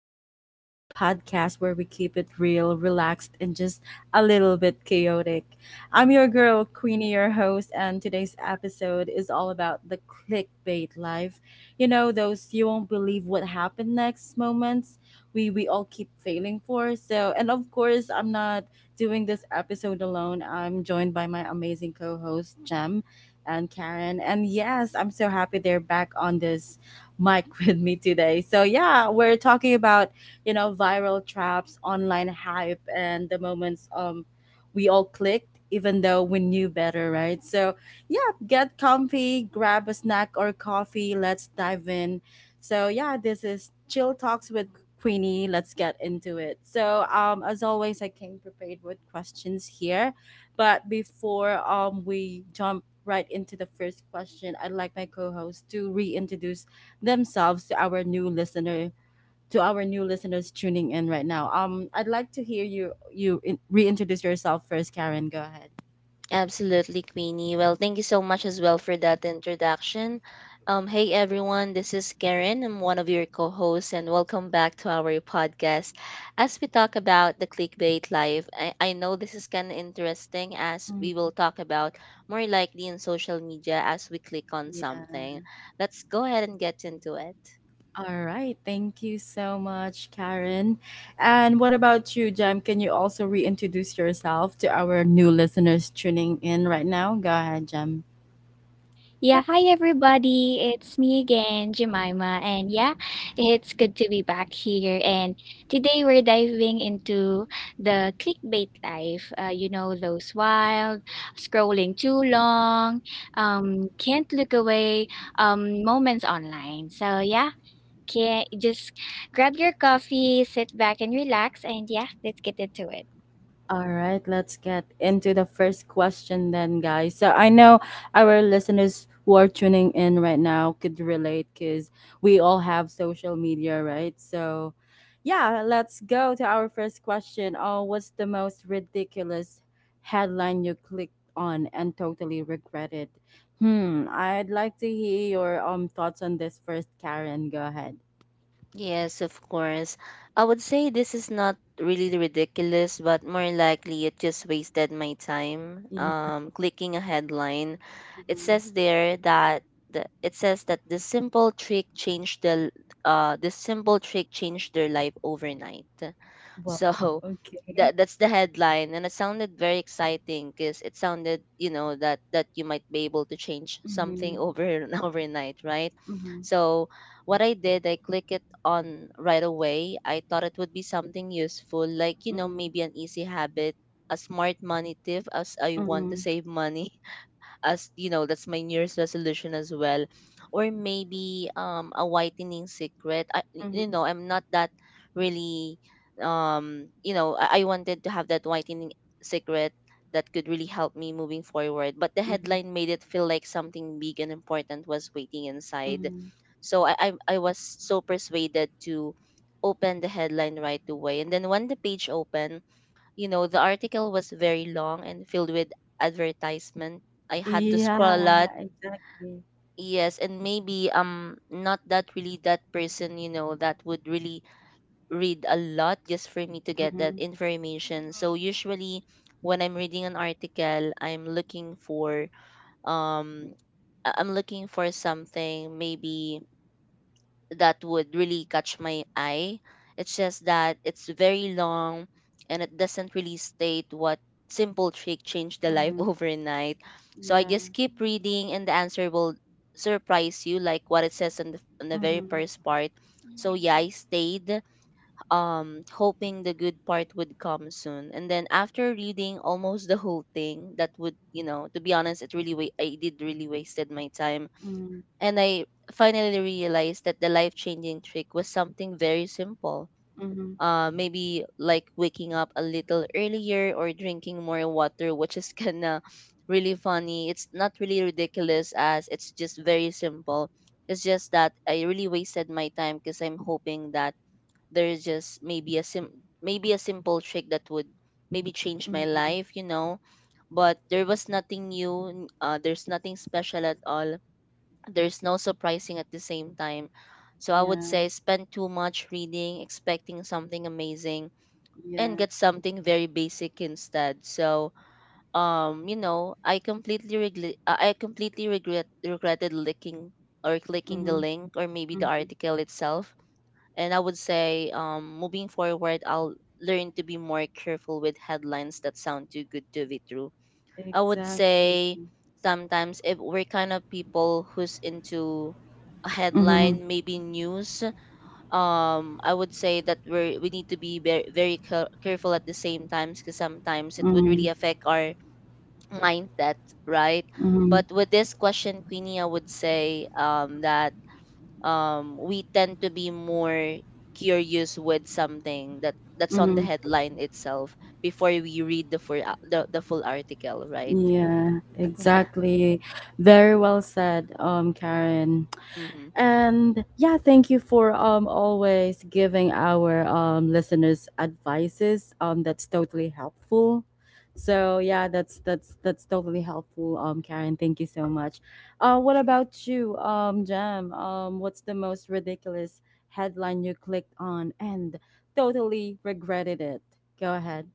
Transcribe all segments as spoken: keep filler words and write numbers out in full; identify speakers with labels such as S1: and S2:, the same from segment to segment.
S1: Queenie, the podcast where we keep it real, relaxed, and just a little bit chaotic. I'm your girl, Queenie, your host, and today's episode is all about the clickbait life. You know, those you won't believe what happened next moments we, we all keep failing for. So, and of course, I'm not doing this episode alone. I'm joined by my amazing co host, Jem and Karen. And yes, I'm so happy they're back on this Mike with me today. So yeah, we're talking about, you know, viral traps, online hype and the moments um we all clicked even though we knew better, right? So yeah, get comfy, grab a snack or coffee, let's dive in. So yeah, this is Chill Talks with Queenie. Let's get into it. So um as always I came prepared with questions here. But before um we jump right into the first question, I'd like my co-host to reintroduce themselves to our new listener to our new listeners tuning in right now. Um, I'd like to hear you you in, reintroduce yourself first, Karen. Go ahead.
S2: Absolutely, Queenie. Well, thank you so much as well for that introduction. Um, hey everyone, this is Karen. I'm one of your co-hosts, and welcome back to our podcast. As we talk about the clickbait life, I, I know this is kind of interesting as
S1: Mm,
S2: we will talk about more likely in social media as we click on something.
S1: yeah.
S2: Let's go ahead and get into it.
S1: All right. Thank you so much, Karen. And what about you, Jem? Can you also reintroduce yourself to our new listeners tuning in right now? Go ahead, Jem.
S3: Yeah, hi everybody. It's me again, Jemima. And yeah, it's good to be back here. And today we're diving into the clickbait life. Uh, you know, those wild, scrolling too long, um, can't look away um, moments online. So yeah, can just grab your coffee, sit back and relax. And yeah, let's get into it.
S1: All right, let's get into the first question then, guys. So I know our listeners who are tuning in right now could relate because we all have social media, right? So, yeah, let's go to our first question. Oh, what's the most ridiculous headline you clicked on and totally regretted? Hmm, I'd like to hear your um thoughts on this first, Karen. Go ahead.
S2: Yes, of course. I would say this is not really ridiculous, but more likely it just wasted my time.
S1: Yeah.
S2: Um, clicking a headline, it
S1: Mhm.
S2: says there that the, it says that the simple trick changed the uh the simple trick changed their life overnight.
S1: Well,
S2: So
S1: okay.
S2: that that's the headline, and it sounded very exciting because it sounded, you know, that that you might be able to change something
S1: Mm-hmm.
S2: over and overnight, right?
S1: Mm-hmm.
S2: So what I did, I clicked it on right away. I thought it would be something useful, like you know,
S1: Mm-hmm.
S2: maybe an easy habit, a smart money tip, as I want to
S1: Mm-hmm.
S2: save money as you know that's my new year's resolution as well or maybe um a whitening secret I,
S1: Mhm,
S2: you know I'm not that really um you know I, I wanted to have that whitening secret that could really help me moving forward, but the
S1: mhm,
S2: headline made it feel like something big and important was waiting inside.
S1: mhm.
S2: So i i, I was so persuaded to open the headline right away, and then when the page opened, you know, the article was very long and filled with advertisement. I had to scroll a
S1: Yeah,
S2: lot.
S1: exactly.
S2: Yes, and maybe I'm not that really that person, you know, that would really read a lot just for me to get that
S1: Mhm,
S2: information. So
S3: Mm-hmm.
S2: usually when I'm reading an article, I'm looking for um I- I'm looking for something maybe that would really catch my eye. It's just that it's very long and it doesn't really state what simple trick changed the life
S1: mhm.
S2: overnight. So I
S1: Yeah.
S2: just keep reading and the answer will surprise you, like what it says on the on the very
S1: Mhm,
S2: first part. So yeah, I
S3: Mm-hmm.
S2: stayed um hoping the good part would come soon. And then after reading almost the whole thing, that would, you know, to be honest, it really wa- I did really wasted my time,
S1: mhm,
S2: and I finally realized that the life changing trick was something very simple.
S1: mhm,
S2: Uh, maybe
S3: Hmm.
S2: like waking up a little earlier or drinking more water, which is kind of really funny. It's not really ridiculous, as it's just very simple. It's just that I really wasted my time because I'm hoping that there is just maybe a sim- maybe a simple trick that would maybe change my
S1: mhm.
S2: life, you know. But there was nothing new. n- Uh, there's nothing special at all, there's no surprising at the same time. So I would
S1: Yeah,
S2: say spend too much reading, expecting something amazing, and
S1: yeah.
S2: get something very basic instead. So um, you know, I completely regret, I completely regret regretted licking or clicking the
S1: Mhm,
S2: link or maybe the
S1: mhm.
S2: article itself. And I would say um, moving forward, I'll learn to be more careful with headlines that sound too good to be true. I would
S1: Exactly.
S2: say sometimes if we're kind of people who's into a
S1: Mhm,
S2: headline, maybe news, um, I would say that we we need to be very, very care- careful at the same times, because sometimes it would really
S1: mhm,
S2: affect our mindset, right?
S1: mhm,
S2: But with this question, Queenie, I would say um, that um, we tend to be more curious with something that that's on the
S1: mhm.
S2: headline itself before we read the full a- the, the full article, right?
S1: Yeah,
S2: Yeah.
S1: exactly. Very well said, um, Karen.
S2: Mm-hmm.
S1: And yeah, thank you for um always giving our um listeners advices. Um that's totally helpful. So yeah, that's that's that's totally helpful. Um Karen, thank you so much. Uh what about you, um Jam? Um what's the most ridiculous headline you clicked on and totally regretted it? Go ahead.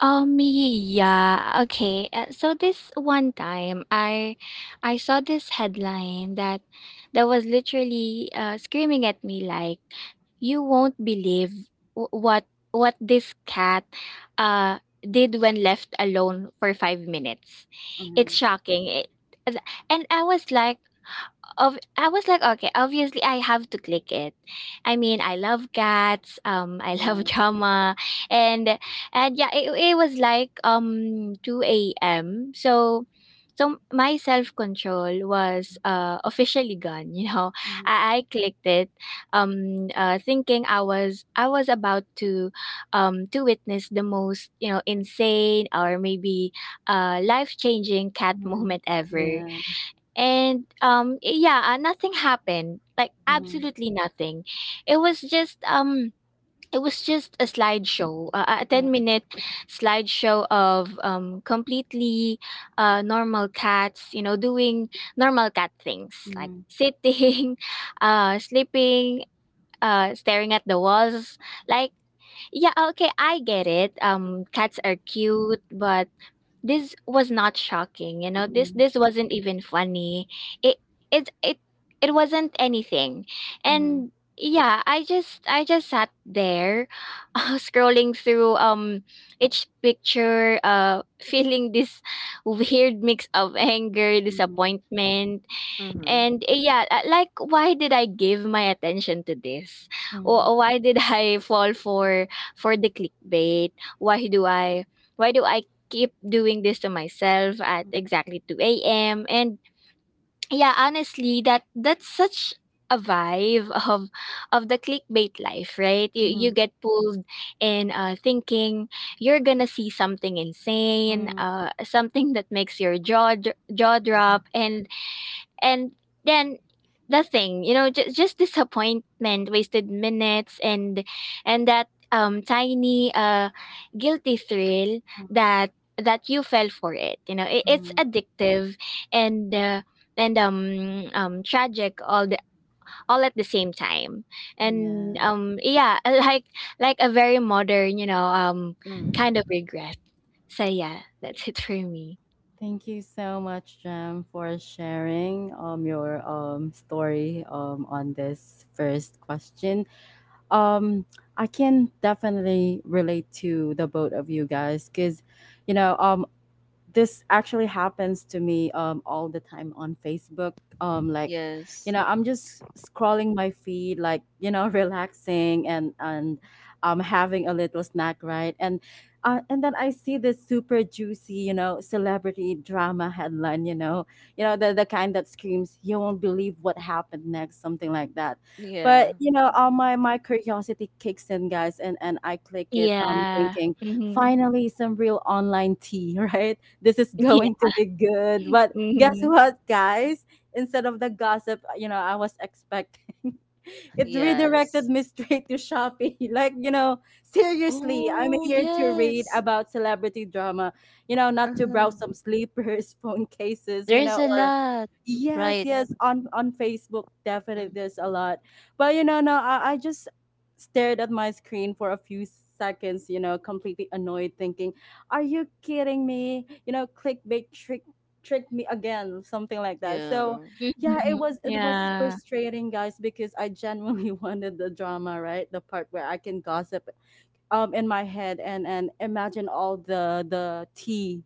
S3: Um, yeah, okay. Uh, so this one time, I I saw this headline that that was literally uh, screaming at me like, "You won't believe w- what what this cat uh did when left alone for five minutes." It's
S1: Mhm.
S3: shocking. It, and I was like of I was like, okay, obviously I have to click it. I mean, I love cats. Um, I
S1: Yeah.
S3: love drama, and and yeah, it, it was like um two a m. So. So my self control was uh, officially gone. You know,
S1: Mhm.
S3: I, I clicked it, um, uh, thinking I was I was about to, um, to witness the most you know insane or maybe uh, life changing cat
S1: Mhm.
S3: movement ever.
S1: Yeah.
S3: And, um, eh, yeah, uh, nothing happened, like
S1: Mhm.
S3: absolutely nothing. It was just, um, it was just a slideshow, uh, a
S1: Yeah.
S3: ten minute slideshow of um, completely uh, normal cats, you know, doing normal cat things like
S1: Mhm.
S3: sitting, uh, sleeping, uh, staring at the walls. Like, yeah, okay, I get it. Um, cats are cute, but this was not shocking, you know. This
S1: Mhm.
S3: this wasn't even funny. It it it it wasn't anything.
S1: Mhm.
S3: And yeah, I just I just sat there scrolling through um each picture uh feeling this weird mix of anger,
S1: Mhm.
S3: disappointment,
S2: Mm-hmm.
S3: and eh, yeah, uh, like why did I give my attention to this?
S1: Mhm.
S3: Or why did I fall for for the clickbait? Why do I why do I keep doing this to myself at
S1: Mhm.
S3: exactly two a m? And yeah, honestly, that that's such a vibe of of the clickbait life, right? You you
S1: Mhm.
S3: get pulled in uh thinking you're gonna see something insane,
S1: Mhm.
S3: uh something that makes your jaw dr- jaw
S1: Yeah.
S3: drop, and and then the thing you know just, just disappointment, wasted minutes, and and that um tiny uh guilty thrill
S1: Mhm.
S3: that that you fell for it, you know. It, it's
S1: Mhm.
S3: addictive, and uh, and um um tragic all the, all at the same time. And
S1: Yeah.
S3: um yeah, like like a very modern, you know, um kind of
S2: Mm-hmm.
S3: regret. So yeah, that's it for me.
S1: Thank you so much, Jam, for sharing um your um story um on this first question. Um, I can definitely relate to the both of you guys because, you know, um this actually happens to me um, all the time on Facebook. Um, like, you
S2: Yes.
S1: know, I'm just scrolling my feed, like you know, relaxing and and um, having a little snack, right? And uh, and then I see this super juicy, you know, celebrity drama headline, you know, you know the the kind that screams, "You won't believe what happened next," something like that.
S2: Yeah.
S1: But you know, all my
S3: Mhm.
S1: my curiosity kicks in, guys, and and I click it, um,
S3: Yeah.
S1: thinking,
S3: Mm-hmm.
S1: finally some real online tea right this is going to be good. But guess
S3: Mhm.
S1: what, guys? Instead of the gossip, you know, I was expecting, it redirected
S2: Yes.
S1: me straight to Shopee. Like, you know, seriously, I'm
S2: Oh,
S1: here to read
S2: yes.
S1: about celebrity drama, you know, not to browse
S2: Uh-huh.
S1: some sleepers, phone cases, you
S2: There's
S1: know,
S2: a
S1: or
S2: lot,
S1: Yes,
S2: right?
S1: yes, on on Facebook definitely
S2: Mm.
S1: there's a lot. But you know, no, I, I just stared at my screen for a few seconds, you know, completely annoyed, thinking, are you kidding me? You know, clickbait trick tricked me again, something like that. So
S2: Yeah.
S1: yeah, it
S3: Mhm.
S1: was it was
S3: Yeah.
S1: frustrating guys because I genuinely wanted the drama, right? The part where I can gossip um in my head and and imagine all the the tea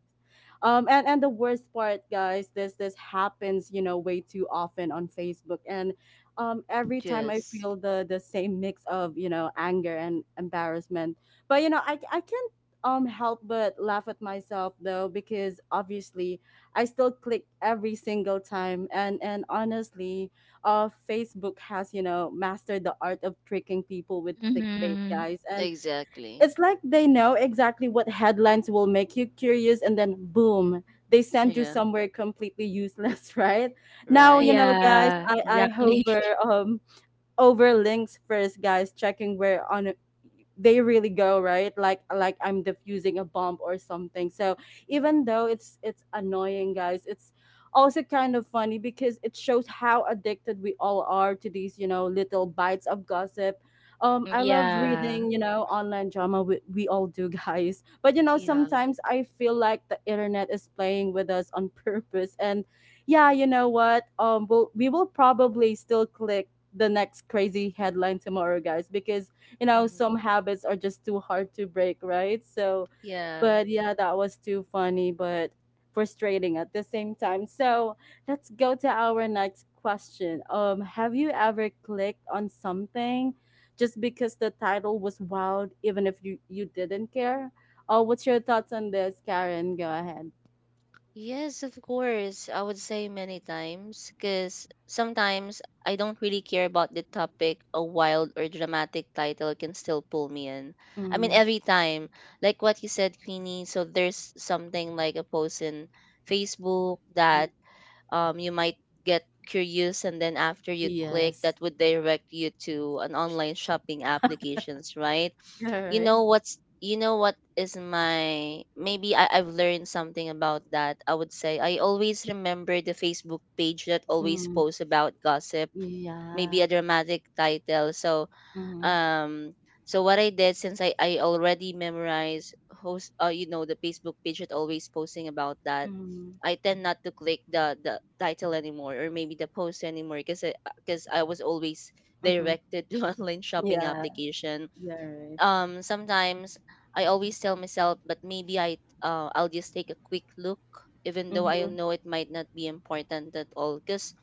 S1: um and and the worst part guys this this happens you know way too often on Facebook and um every time I
S2: Yes.
S1: feel the the same mix of you know anger and embarrassment but you know i i can't um help but laugh at myself though because obviously I still click every single time and and honestly uh Facebook has you know mastered the art of tricking people with clickbait
S3: Mhm.
S1: guys and
S2: Exactly.
S1: it's like they know exactly what headlines will make you curious and then boom, they send you
S2: Yeah.
S1: somewhere completely useless, right? Now, you know,
S2: Right.
S1: guys,
S3: Yeah,
S1: I, I
S3: exactly.
S1: hover um over links first, guys, checking where on they really go, right? Like like I'm diffusing a bomb or something. So even though it's it's annoying, guys, it's also kind of funny because it shows how addicted we all are to these, you know, little bites of gossip. Um,
S3: Mhm.
S1: I love
S3: Yeah.
S1: reading, you know, online drama. We, we all do, guys. But you know,
S2: Yeah.
S1: sometimes I feel like the internet is playing with us on purpose. And yeah, you know what? Um, we'll, we will probably still click the next crazy headline tomorrow, guys, because you know
S2: Mm-hmm.
S1: some habits are just too hard to break, right? So,
S2: Yeah.
S1: but yeah, that was too funny, but frustrating at the same time. So let's go to our next question. Um, have you ever clicked on something just because the title was wild, even if you you didn't care? Oh, what's your thoughts on this, Karen? Go ahead.
S2: Yes, of course. I would say many times because sometimes I don't really care about the topic. A wild or dramatic title can still pull me in. I mean,
S1: Mm,
S2: every time, like what you said, Queenie. So there's something like a post in Facebook
S1: mm,
S2: that um you might get curious, and then after you click, that
S1: yes.
S2: would direct you to an online shopping applications, right?
S1: All
S2: You
S1: right.
S2: know what's, you know what is my, maybe I, I've learned something about that. I would say I always remember the Facebook page that always
S1: Mm,
S2: posts about gossip, maybe
S1: yeah.
S2: a dramatic title. So
S1: Mm-hmm.
S2: um so what I did, since I, I already memorized host uh, you know, the Facebook page that always posting about that,
S1: Mhm,
S2: I tend not to click the, the title anymore or maybe the post anymore because I, 'cause I was always
S1: mhm.
S2: directed to online shopping
S1: Yeah,
S2: application.
S1: yeah, right.
S2: Um sometimes I always tell myself, but maybe I uh, I'll just take a quick look, even though I
S1: Mhm.
S2: know it might not be important at all. Cause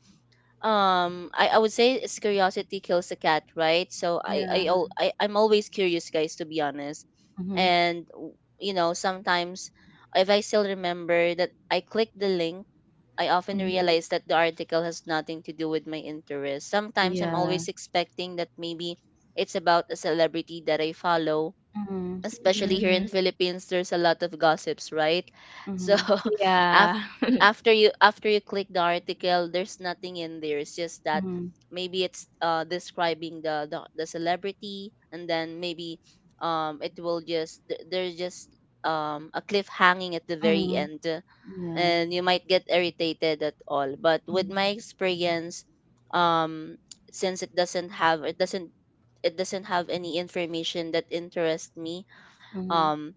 S2: um I, I would say it's curiosity kills a cat, right? So I
S1: Yeah.
S2: I, al- I I'm always curious, guys, to be honest.
S1: Mhm.
S2: And w- you know sometimes if I still remember that I clicked the link. I often
S1: Mhm.
S2: realize that the article has nothing to do with my interest. Sometimes I'm
S1: Yeah.
S2: always expecting that maybe it's about a celebrity that I follow,
S1: Mhm.
S2: especially here in
S3: Mhm.
S2: Philippines, there's a lot of gossips, right? So
S1: Mhm.
S2: af-
S3: Yeah.
S2: after you, after you click the article, there's nothing in there. It's just that
S1: Mhm.
S2: maybe it's uh, describing the, the the celebrity, and then maybe um it will just th- there's just um a cliff hanging at the very
S1: Mhm.
S2: end, uh,
S1: Yeah.
S2: and you might get irritated at all. But with
S1: Mhm.
S2: my experience, um since it doesn't have it doesn't it doesn't have any information that interests me,
S1: Mhm.
S2: um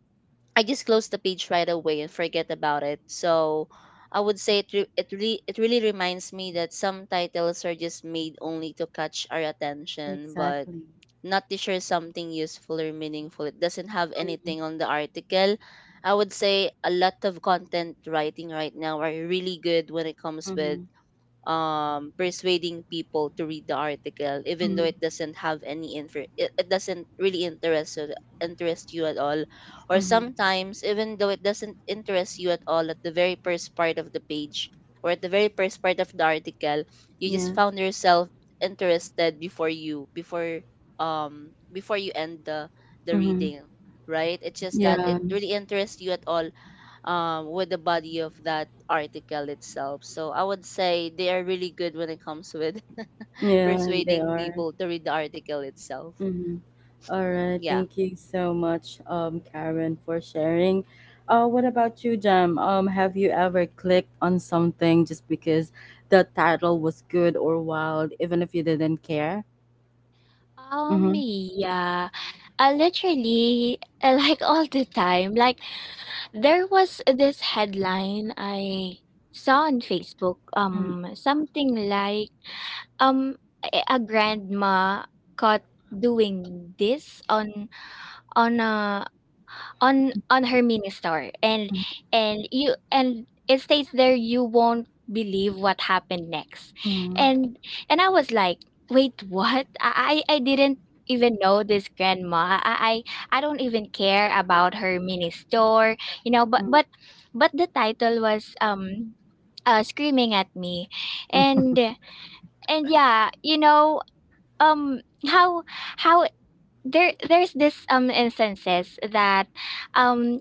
S2: I just closed the page right away and forget about it. So I would say it re- it really it really reminds me that some titles are just made only to catch our attention, but
S1: Exactly.
S2: not to share something useful or meaningful. It doesn't have
S1: Mhm.
S2: anything on the article. I would say a lot of content writing right now are really good when it comes with
S1: Mhm.
S2: um, persuading people to read the article, even though
S1: Mhm.
S2: it doesn't have any interest, it, it doesn't really interest you- interest you at all, or
S1: Mhm.
S2: sometimes even though it doesn't interest you at all at the very first part of the page or at the very first part of the article, you just
S1: Yeah.
S2: found yourself interested before you before um before you end the the
S1: Mhm.
S2: reading, right? It's just that it
S1: Yeah.
S2: really interests you at all um, with the body of that article itself. So I would say they are really good when it comes with
S1: Yeah. They
S2: persuading
S1: are.
S2: people to read the article itself.
S1: Mhm. All right,
S2: Yeah.
S1: thank you so much, um, Karen, for sharing. Uh, what about you, Jam? Um, have you ever clicked on something just because the title was good or wild, even if you didn't care?
S3: Um,
S1: Mm-hmm.
S3: yeah. Uh, literally, uh, like, all the time. Like, there was this headline I saw on Facebook,
S1: Mm-hmm.
S3: um, something like, um, a a grandma caught doing this on on a on on her mini store, and and you and it states there, you won't believe what happened next.
S1: Mm-hmm.
S3: And and I was like, wait, what? i i I didn't even know this grandma. i i, I don't even care about her mini store, you know, but but but the title was um uh, screaming at me.
S1: Mm-hmm.
S3: And and yeah, you know, um how how there there's this um instances that um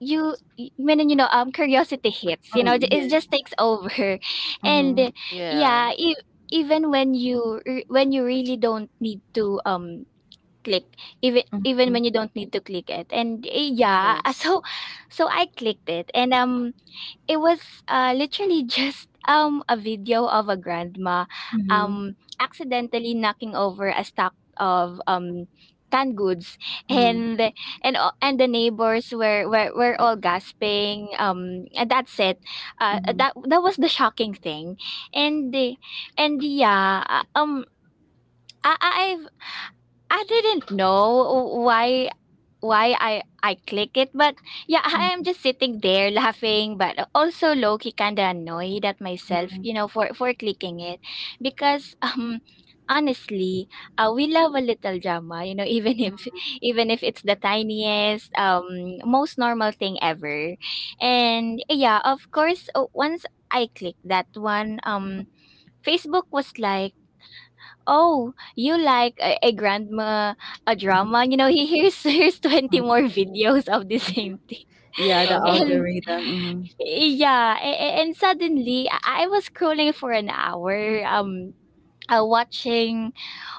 S3: you y- when you know um curiosity hits, you know,
S1: Yeah.
S3: it just takes over and
S1: Mm-hmm.
S3: uh,
S2: Yeah.
S3: yeah, e- even when you re- when you really don't need to um click, even even
S1: Mm-hmm.
S3: when you don't need to click it. And eh, yeah, uh,
S2: Yes.
S3: so so I clicked it, and um it was, uh, literally just, um, a video of a grandma,
S1: Mm-hmm.
S3: um, accidentally knocking over a stack of, um, canned goods,
S1: Mm-hmm.
S3: and and a- and the neighbors were were, were all gasping, um and that's it. Uh
S1: Mm-hmm.
S3: that that was the shocking thing. And the and yeah. uh, um I, I- I've I didn't know why why I I click it, but yeah, I am
S1: Mm-hmm.
S3: just sitting there laughing, but also low key kind of annoyed at myself, you know, for for clicking it, because um honestly, uh, we love a little drama, you know, even if even if it's the tiniest, um, most normal thing ever. And yeah, of course, uh, once I clicked that one, um, Facebook was like, "Oh, you like a, a grandma, a drama? You know, he here's here's twenty
S1: Mm-hmm.
S3: more videos of the same thing."
S1: Yeah, the
S3: And
S2: Oh.
S1: algorithm. Mm-hmm.
S3: yeah, a- a- and suddenly I I was scrolling for an hour, um uh, watching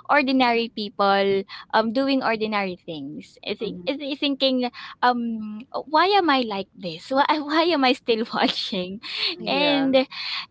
S3: ordinary people um doing ordinary things. I think
S1: Mm-hmm.
S3: I thi- Thinking, um why am I like this? Why why am I still watching? And
S2: Yeah.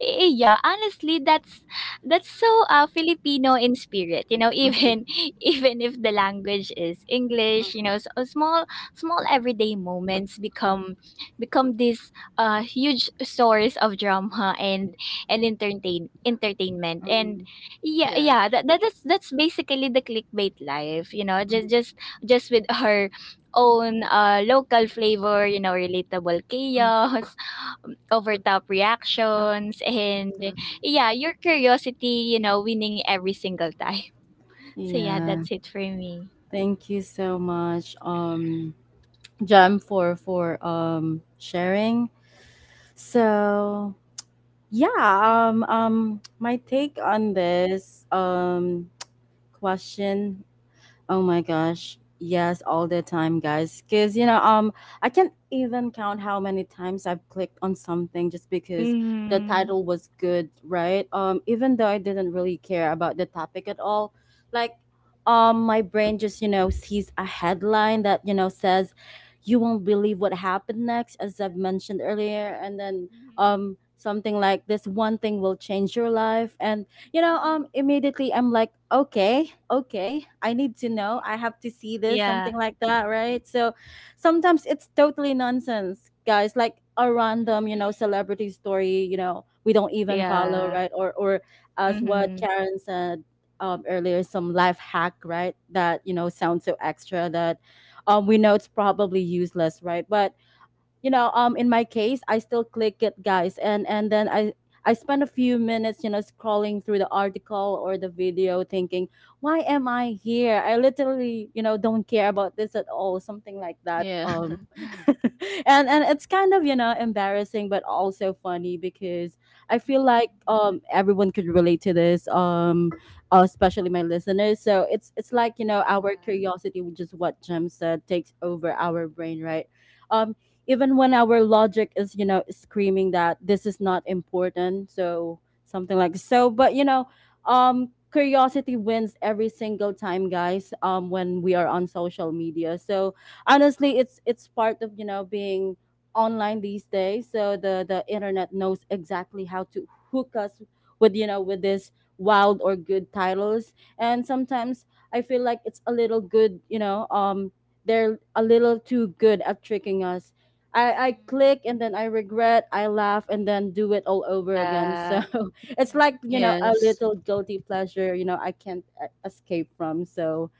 S3: eh, yeah, honestly, that's that's so uh, Filipino in spirit. You know,
S1: Mm-hmm.
S3: even even if the language is English, you know, so small small everyday moments become become this uh huge source of drama and and entertain entertainment. And
S1: Mm-hmm.
S3: yeah,
S2: Yeah.
S3: yeah, that, that that's that's basically the clickbait life, you know,
S1: Mm-hmm.
S3: just just just with her own uh local flavor, you know, relatable
S1: Mm-hmm.
S3: chaos, overtop reactions, and
S2: Hmm.
S3: yeah, your curiosity, you know, winning every single time. So yeah,
S1: Yeah.
S3: that's it for me.
S1: Thank you so much, um, Jem, for for um sharing. So yeah, um, um, my take on this um question Oh my gosh. Yes, all the time, guys. Cause you know, um, I can't even count how many times I've clicked on something just because the
S3: Mm.
S1: title was good, right? Um, even though I didn't really care about the topic at all, like, um, my brain just you know sees a headline that you know says, "You won't believe what happened next," as I've mentioned earlier, and then
S3: Mhm.
S1: um something like this one thing will change your life and you know
S3: Mhm.
S1: um immediately I'm like okay okay I need to know
S3: Mhm.
S1: I have to see this
S3: Yeah.
S1: something like that right so sometimes it's totally nonsense guys like a random you
S3: Mhm.
S1: know celebrity story you know we don't even follow
S3: Yeah.
S1: right or or as what
S3: Mm-hmm.
S1: Karen said um, earlier some life hack right that you know sounds so extra that um, we know it's probably useless right but you know um in my case I still click it guys and and then i i spend a few minutes you know scrolling through the article or the video thinking why am I here I literally you know don't care about this at all something like that
S2: Yeah.
S1: um and and it's kind of you know embarrassing but also funny because I feel like
S3: Mhm.
S1: um everyone could relate to this um uh, especially my listeners so it's it's like you know our
S3: Yeah.
S1: curiosity which is what Jem said takes over our brain right um even when our logic is you know screaming that this is not important so something like so but you know um curiosity wins every single time guys um when we are on social media so honestly it's it's part of you know being online these days so the the internet knows exactly how to hook us with you know with this wild or good titles and sometimes I feel like it's a little good you know um they're a little too good at tricking us I, I
S3: Mhm.
S1: click and then I regret, I laugh and then do it all over again. So
S3: Yeah.
S1: it's like,
S3: Mhm.
S1: you know, a
S2: Yes.
S1: little guilty pleasure, you know, I can't uh, escape from. So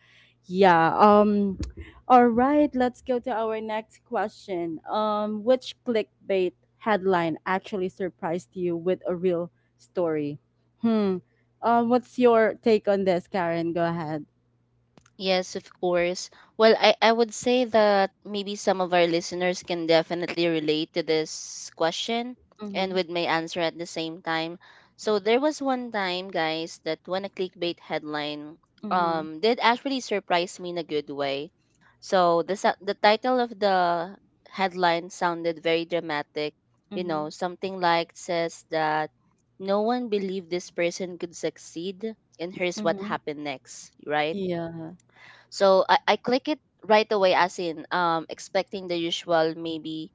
S1: yeah. Um all right, let's go to our next question. Um which clickbait headline actually surprised you with a real story? Hmm. Um what's your take on this, Karen? Go ahead.
S2: Yes, of course. Well, I, I would say that maybe some of our listeners can definitely relate to this question and
S1: Mhm.
S2: with my answer at the same time. So there was one time, guys, that when a clickbait headline
S1: Mhm.
S2: um did actually surprise me in a good way. So the sa- the title of the headline sounded very dramatic, you
S1: Mhm.
S2: know, something like says that no one believed this person could succeed and here's what
S1: Mhm.
S2: happened next, right?
S1: Yeah.
S2: So I, I click it right away as in um expecting the usual maybe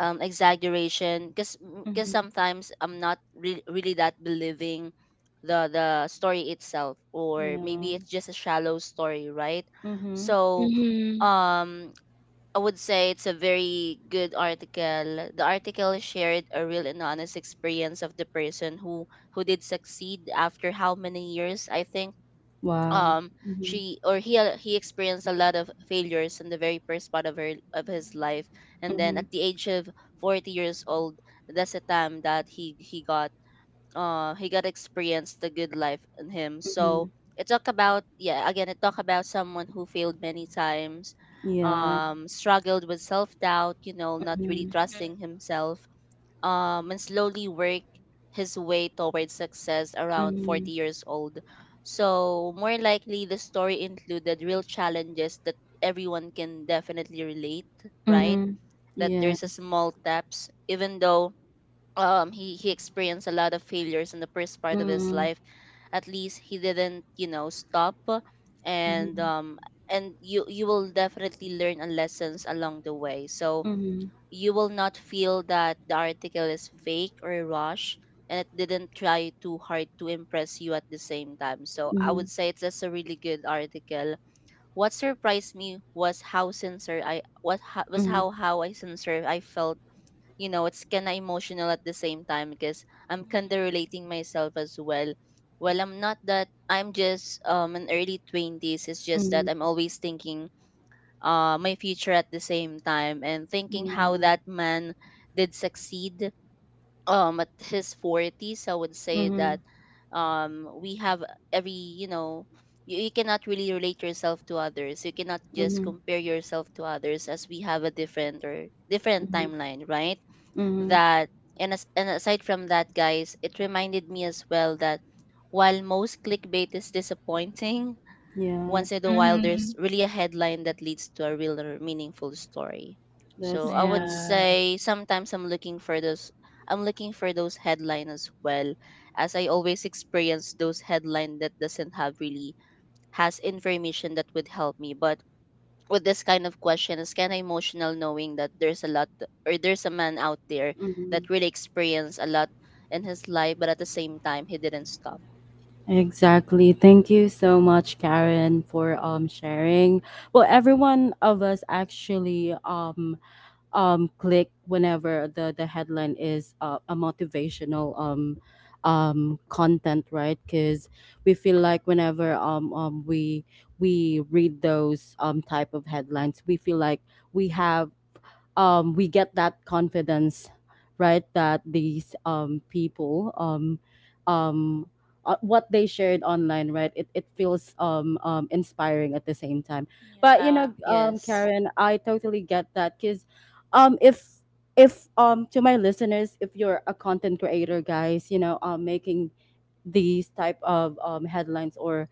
S2: um exaggeration, because because
S1: Mhm.
S2: sometimes I'm not re- really that believing the the story itself, or
S1: Yeah.
S2: maybe it's just a shallow story, right?
S1: Mhm.
S2: So
S3: Mm-hmm.
S2: um I would say it's a very good article. The article shared a real and honest experience of the person who who did succeed after how many years, I think
S1: Wow.
S2: um
S1: Mhm.
S2: she or he, uh, he experienced a lot of failures in the very first part of her of his life,
S3: Mhm.
S2: and then
S1: Mhm.
S2: at the age of forty years old, that's the time that he he got uh he got experienced the good life in him.
S1: Mhm.
S2: So it talk about, yeah, again, it talk about someone who failed many times,
S1: Yeah.
S2: um struggled with self doubt, you know, not really
S1: Mhm.
S2: trusting
S3: Mhm.
S2: himself, um, and slowly work his way towards success around
S1: Mhm.
S2: forty years old. So, more likely, the story included real challenges that everyone can definitely relate, right?
S1: Mhm.
S2: That there's a
S1: Yes.
S2: small taps, even though um, he, he experienced a lot of failures in the first part of his
S1: Mhm.
S2: life, at least he didn't, you know, stop. And
S1: Mhm.
S2: um, and you you will definitely learn a lessons along the way. So
S1: Mhm.
S2: you will not feel that the article is fake or rushed, and it didn't try too hard to impress you at the same time. So I
S1: Mhm.
S2: would say it's just a really good article. What surprised me was how sincere I, what ho- was
S1: Mhm.
S2: how how I sincere I felt. You know, it's kind of emotional at the same time because I'm kind of
S3: Mhm.
S2: relating myself as well. Well, I'm not that I'm just um in early twenties. It's just
S1: Mhm.
S2: that I'm always thinking uh, my future at the same time and thinking how
S1: Yeah.
S2: that man did succeed um at his forties. I would say
S1: Mhm.
S2: that um we have every you know you, you cannot really relate yourself to others. You cannot just
S1: Mhm.
S2: compare yourself to others, as we have a different or different
S1: Mhm.
S2: timeline, right?
S1: Mhm.
S2: that and, as, and Aside from that, guys, it reminded me as well that while most clickbait is disappointing,
S1: Yeah.
S2: once in a while there's
S3: Mhm.
S2: really a headline that leads to a real or meaningful story. So
S1: That's
S2: I would
S1: right.
S3: Yeah.
S2: say sometimes i'm looking for those I'm looking for those headlines as well, as I always experience those headline that doesn't have really has information that would help me. But with this kind of question is kind of emotional, knowing that there's a lot, or there's a man out there that
S1: Mhm.
S2: really experienced a lot in his life, but at the same time he didn't stop.
S1: Exactly. Thank you so much, Karen, for um sharing. Well, every one of us actually um um click whenever the the headline is uh, a motivational um um content right because we feel like whenever um, um we we read those um type of headlines we feel like we have um, we get that confidence, right? That these um, people, um, um, uh, what they shared online, right? It, it feels um, um, inspiring at the same time. But you know,
S3: Yeah.
S1: um,
S2: Yes.
S1: Karen, I totally get that because um, if if um to my listeners, if you're a content creator, guys, you know, um, making these type of um, headlines or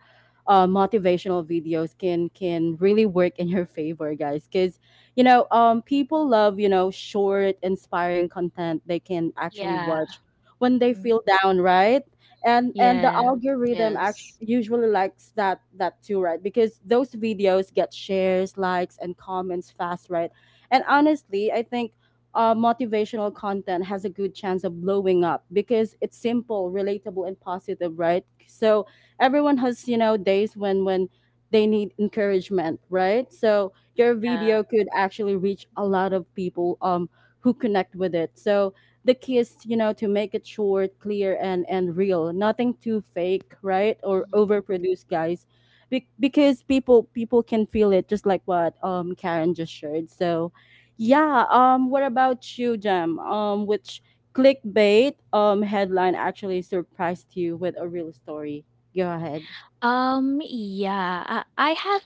S1: uh, motivational videos can can really work in your favor, guys, because you know um, people love you know short, inspiring content they can actually
S3: Yeah.
S1: watch when they
S3: Mhm.
S1: feel down, right? And and the
S3: Yeah.
S1: algorithm actually
S2: Yes.
S1: usually likes that that too, right? Because those videos get shares, likes, and comments fast, right? And honestly, I think uh, motivational content has a good chance of blowing up because it's simple, relatable, and positive, right? So everyone has you know days when when they need encouragement, right? So your
S3: Yeah.
S1: video could actually reach a lot of people um who connect with it. So the key is you know to make it short, clear, and and real. Nothing too fake, right? Or
S2: Mm-hmm.
S1: overproduced, guys. Be- because people people can feel it, just like what um Karen just shared. So yeah, um what about you, Jem? Um which clickbait um headline actually surprised you with a real story? Go ahead.
S3: Um, yeah, I, I have,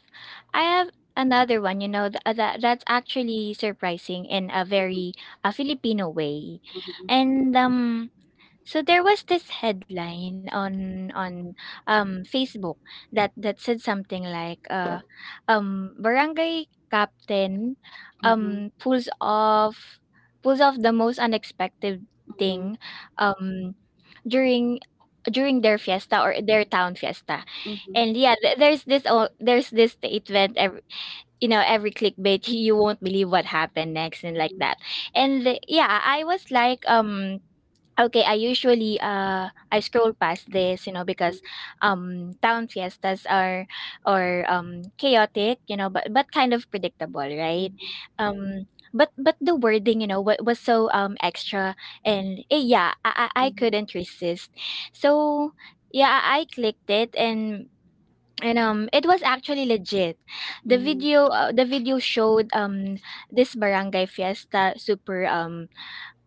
S3: I have another one. You know, that that that's actually surprising in a very a Filipino way, and um. So there was this headline on on um, Facebook that that said something like, uh, um, barangay captain
S1: Mhm, mhm,
S3: um, pulls off pulls off the most unexpected
S1: mhm,
S3: thing, um, during during their fiesta or their town fiesta.
S1: mhm,
S3: And yeah, th- there's this o- there's this statement, every you know every clickbait, you won't believe what happened next and like
S1: mhm,
S3: that. And yeah, I was like, um okay, I usually uh I scroll past this, you know, because um town fiestas are or um chaotic, you know, but but kind of predictable,
S1: mhm,
S3: right?
S1: mhm,
S3: Um but but the wording, you know, what was so um extra, and eh, yeah, I I I
S1: mhm,
S3: couldn't resist. So yeah, I I clicked it, and and um it was actually legit. The
S1: mhm, mhm,
S3: video uh, the video showed um this barangay fiesta, super um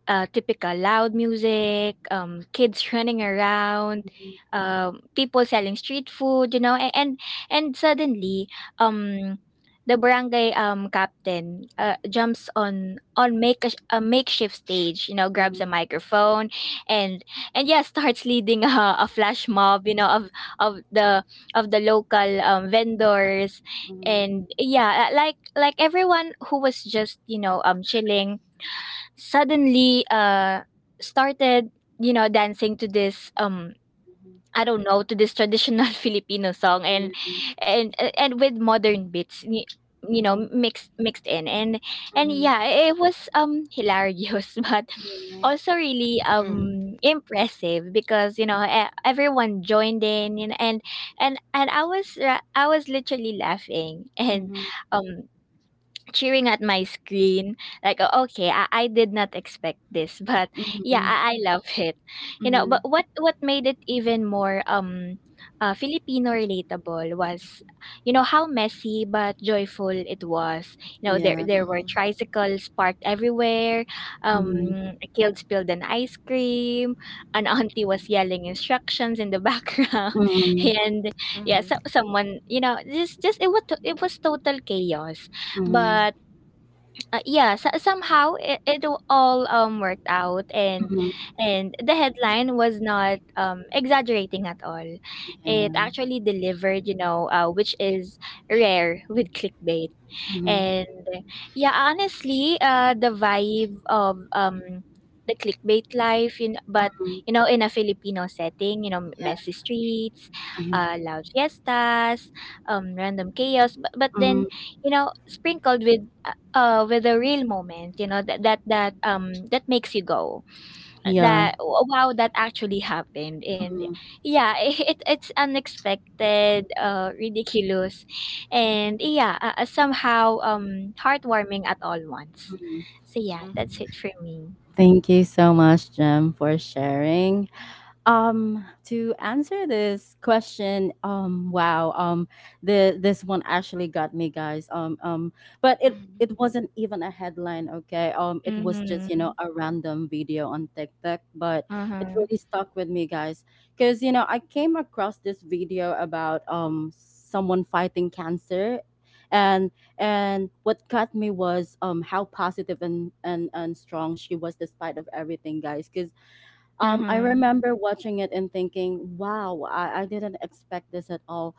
S3: uh, typical loud music, um, kids running around, um, people selling street food, you know. And and, and suddenly, um, the barangay um captain uh, jumps on on make a, a makeshift stage, you know, grabs a microphone, and and yeah, starts leading a, a flash mob, you know, of of the of the local um, vendors. And yeah, like like everyone who was just you know um chilling suddenly uh started, you know, dancing to this, um I don't know to this traditional Filipino song, and and and with modern beats, y- you know, mixed mixed in. and and yeah, it was um hilarious, but also really
S2: Mm-hmm.
S3: um impressive because you know e- everyone joined in, you know. And and and I was ra- I was literally laughing, and
S1: mhm,
S3: um cheering at my screen like, "Oh, okay, I, I did not expect this." But
S1: mhm,
S3: yeah,
S1: mhm,
S3: I, I love it, you know. but
S1: mhm.
S3: what what made it even more um uh, Filipino relatable was, you know, how messy but joyful it was. You know, there
S1: Yeah.
S3: there were
S2: Mm-hmm.
S3: tricycles parked everywhere, um
S1: Mhm,
S3: a kid spilled an ice cream, an auntie was yelling instructions in the background.
S1: mhm,
S3: And yeah, so
S2: Mhm.
S3: someone you know just just it was to- it was total chaos,
S1: yeah, mhm,
S3: but uh, yeah, so somehow it, it w- all um worked out. And
S1: mhm, mhm,
S3: and the headline was not um exaggerating at all.
S1: yeah,
S3: It actually delivered, you know, uh, which is rare with clickbait.
S1: mhm, mhm, mhm, mhm,
S3: And yeah, honestly, uh, the vibe of um the clickbait life, you know,
S1: yeah,
S3: but you know, in a Filipino setting, you know, messy streets,
S1: mhm, mhm,
S3: uh, loud fiestas, um, random chaos, but, but
S1: yeah, mhm,
S3: then
S1: mhm,
S3: you know, sprinkled with uh, uh, with a real moment, you know, that that that um that makes you go,
S1: yeah.
S3: that wow, that actually happened. And
S1: Mhm,
S3: yeah, it it's unexpected, uh ridiculous, and yeah, uh, uh, somehow um heartwarming at all once.
S1: mhm.
S3: So yeah, that's
S2: Mhm.
S3: it for me.
S1: Thank you so much, Jem, for sharing. Um, to answer this question, um, wow, um, the this one actually got me, guys. Um, um, but it
S2: Mhm.
S1: it wasn't even a headline, okay? Um, it was just you
S3: Mm-hmm.
S1: know a random video on TikTok, but it
S3: Uh-huh.
S1: really stuck with me, guys, because you know I came across this video about um someone fighting cancer, and and what got me was um how positive and and and strong she was despite of everything, guys, 'cause um, I
S3: Uh-huh.
S1: remember watching it and thinking, wow, I, I didn't expect this at all.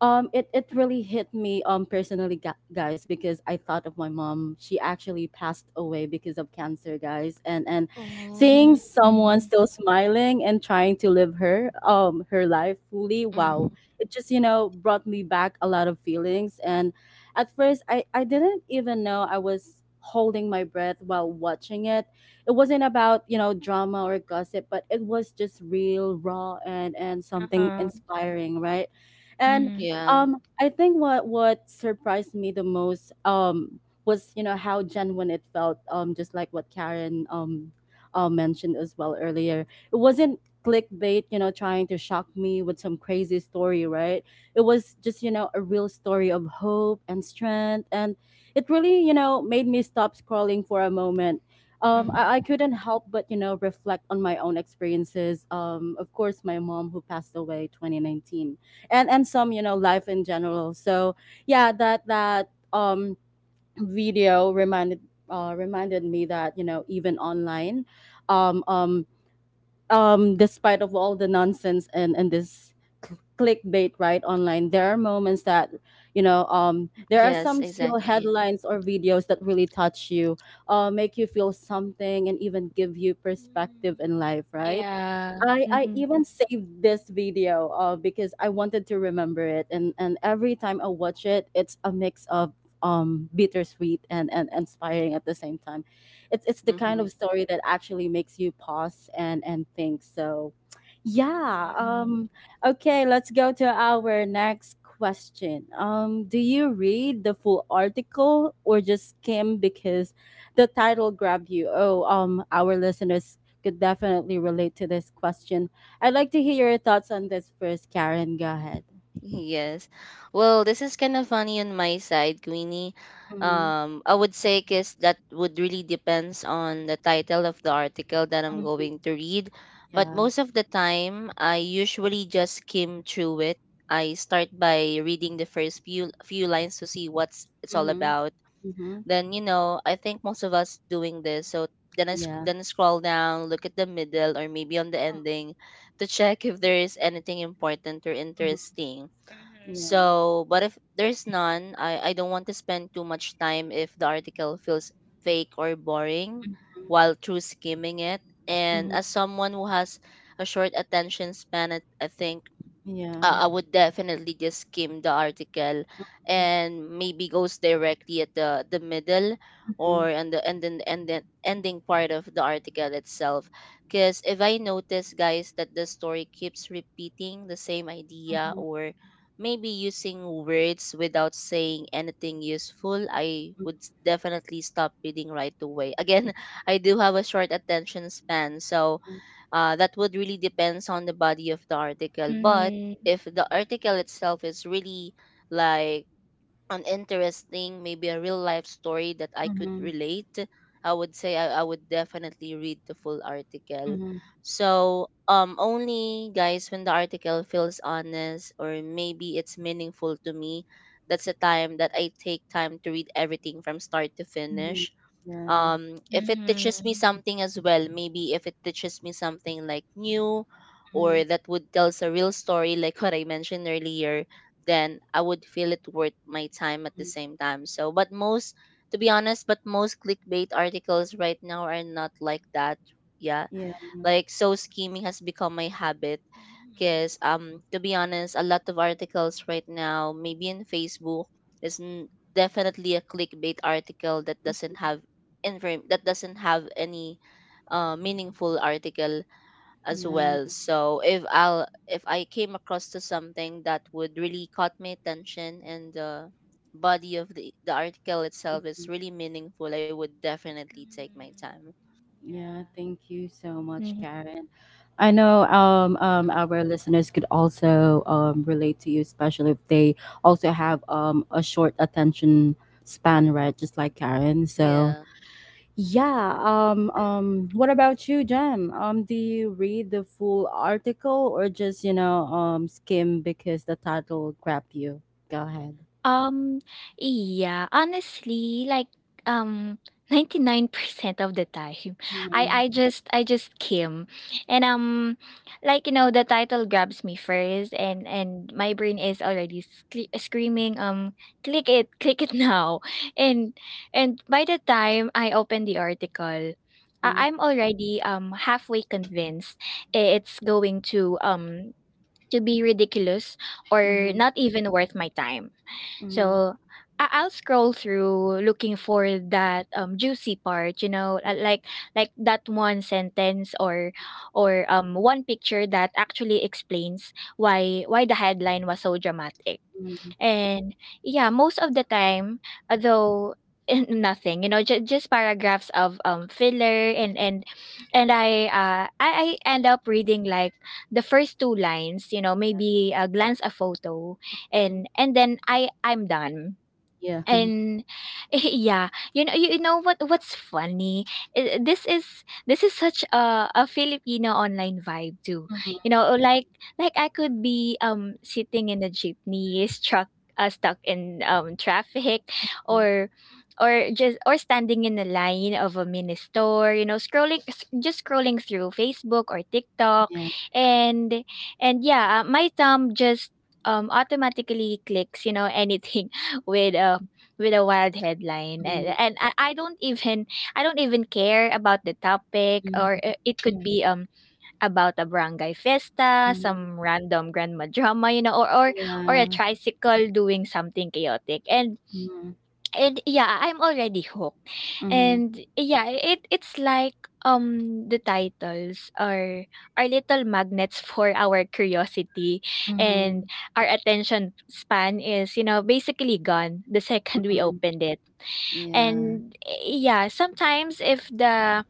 S1: Um, it, it really hit me um personally, gu- guys, because I thought of my mom. She actually passed away because of cancer, guys, and and seeing
S2: Oh.
S1: someone
S3: Mm-hmm.
S1: still smiling and trying to live her um her life fully, wow,
S2: Mhm.
S1: it just you know brought me back a lot of feelings. And at first, I I didn't even know I was holding my breath while watching it. It wasn't about you know drama or gossip, but it was just real, raw, and and something
S3: Uh-huh.
S1: inspiring, right? And
S3: Mm-hmm.
S2: Yeah.
S1: um, I think what what surprised me the most um was you know how genuine it felt. Um, just like what Karen um uh, mentioned as well earlier, it wasn't clickbait, You know, trying to shock me with some crazy story, right? It was just you know a real story of hope and strength, and it really you know made me stop scrolling for a moment. Um,
S2: Mhm.
S1: I, I couldn't help but you know reflect on my own experiences. Um, of course, my mom, who passed away twenty nineteen, and and some you know life in general. So yeah, that that um video reminded uh reminded me that you know even online, um um um despite of all the nonsense and and this cl- clickbait right, online there are moments that
S2: Yes,
S1: you know um
S2: exactly.
S1: there are some still headlines or videos that really touch you, uh make you feel something, and even give you perspective in
S3: Mm.
S1: life, right?
S3: Yeah.
S1: I, I
S3: Mm-hmm.
S1: even saved this video, uh, because I wanted to remember it, and, and every time I watch it, it's a mix of um, bittersweet and, and inspiring at the same time. It's it's the kind
S2: Mhm.
S1: of story that actually makes you pause and, and think. So yeah.
S3: Mm-hmm.
S1: Um, okay, let's go to our next question. Um, do you read the full article or just skim because the title grabbed you? Oh, um, our listeners could definitely relate to this question. I'd like to hear your thoughts on this first, Karen. Go ahead.
S2: Yes. Well, this is kind of funny on my side, Queenie.
S1: Mm-hmm.
S2: Um, I would say because that would really depends on the title of the article that I'm going
S1: Mm-hmm.
S2: to read. But
S1: Yeah.
S2: most of the time, I usually just skim through it. I start by reading the first few few lines to see what's it's all
S1: Mm-hmm.
S2: about.
S1: Mm-hmm.
S2: Then, you know, I think most of us doing this. So then I sc-
S1: Yeah.
S2: then I scroll down, look at the middle or maybe on the ending to check if there is anything important or
S1: Mm-hmm.
S2: interesting.
S3: Mm-hmm.
S1: Yeah.
S2: So, but if there's none, I, I don't want to spend too much time if the article feels fake or boring
S1: Mm-hmm.
S2: while through skimming it. And
S1: Mm-hmm.
S2: as someone who has a short attention span, I I think
S1: Yeah.
S2: uh, I would definitely just skim the article
S1: Mm-hmm.
S2: and maybe goes directly at the the middle,
S1: Mm-hmm.
S2: or and the and then and then ending part of the article itself, because if I notice, guys, that the story keeps repeating the same idea,
S1: Mm-hmm.
S2: or maybe using words without saying anything useful, I would s- definitely stop reading right away. Again, I do have a short attention span, so uh, that would really depends on the body of the article. But
S3: Mm-hmm.
S2: if the article itself is really like an interesting, maybe a real life story that I could
S1: Mm-hmm.
S2: relate, I would say I, I would definitely read the full article.
S1: Mm-hmm.
S2: So um only, guys, when the article feels honest or maybe it's meaningful to me, that's the time that I take time to read everything from start to
S1: Mm-hmm.
S2: finish.
S1: Yeah.
S2: Um if it teaches me
S3: Mm-hmm.
S2: something as well, maybe if it teaches me something like new,
S1: Mm-hmm.
S2: or that would tells a real story like what I mentioned earlier, then I would feel it worth my time at the
S1: Mm-hmm.
S2: same time. So but most, to be honest, but most clickbait articles right now are not like that. Yeah,
S1: Yeah.
S2: like so scheming has become my habit
S3: Mm-hmm.
S2: because, um to be honest, a lot of articles right now, maybe in Facebook, is n- definitely a clickbait article that
S1: Mm-hmm.
S2: doesn't have inform that doesn't have any uh, meaningful article as
S1: Yeah.
S2: well. So if I'll if I came across to something that would really caught my attention, and the body of the the article itself
S1: Mm-hmm.
S2: is really meaningful, I would definitely take my
S3: Mm-hmm.
S2: time.
S1: Yeah,
S3: Yeah.
S1: thank you so much,
S3: Mhm.
S1: Karen. I know
S2: Mhm.
S1: um, um, our listeners could also um, relate to you, especially if they also have um, a short attention span, right? Just like Karen.
S2: Yeah.
S1: So, yeah. Um, um, what about you, Jem? Um, do you read the full article or just, you know, um, skim because the title grabbed you? Go ahead.
S3: Um, yeah, honestly, like, um, ninety-nine percent of the time, I
S1: Mm-hmm.
S3: I just I just came, and um, like you know, the title grabs me first, and and my brain is already sc- screaming, um, click it, click it now. And and by the time I open the article, I-
S1: Yeah.
S3: I'm already um halfway convinced it's going to um to be ridiculous or
S1: Mm-hmm.
S3: not even worth my time.
S1: Hmm.
S3: So I- I'll scroll through looking for that um, juicy part, you know, uh, like like that one sentence or or um, one picture that actually explains why why the headline was so dramatic.
S1: Mm-hmm.
S3: And yeah, most of the time, though, nothing, you know, just just paragraphs of um filler, and and and I uh I, I end up reading like the first two lines, you know, maybe uh, glance a photo, and and then I I'm done.
S1: Yeah. Mhm.
S3: And Yeah, you know you, you know what what's funny? I- this is this is such a, a Filipino online vibe too. you know like like I could be um sitting in a jeepney struck uh, stuck in um traffic, or or just or standing in the line of a mini store, you know scrolling s- just scrolling through Facebook or TikTok.
S1: Yeah. Hmm.
S3: And and yeah, uh, my thumb just um automatically clicks you know anything with uh, with a wild headline, and
S1: Yeah.
S3: and I, I don't even I don't even care about the topic, or i-
S1: Mhm,
S3: it could be um about a barangay fiesta,
S1: mhm.
S3: some random grandma drama, you know or or, or a
S1: Yeah.
S3: tricycle doing something chaotic, and
S1: Mhm,
S3: and yeah, I'm already hooked.
S1: mhm,
S3: And yeah, it it's like, um the titles are are little magnets for our curiosity, and
S1: mhm,
S3: our attention span is you know basically gone the second we
S1: mhm.
S3: opened it.
S1: Yeah.
S3: And eh, yeah, sometimes if the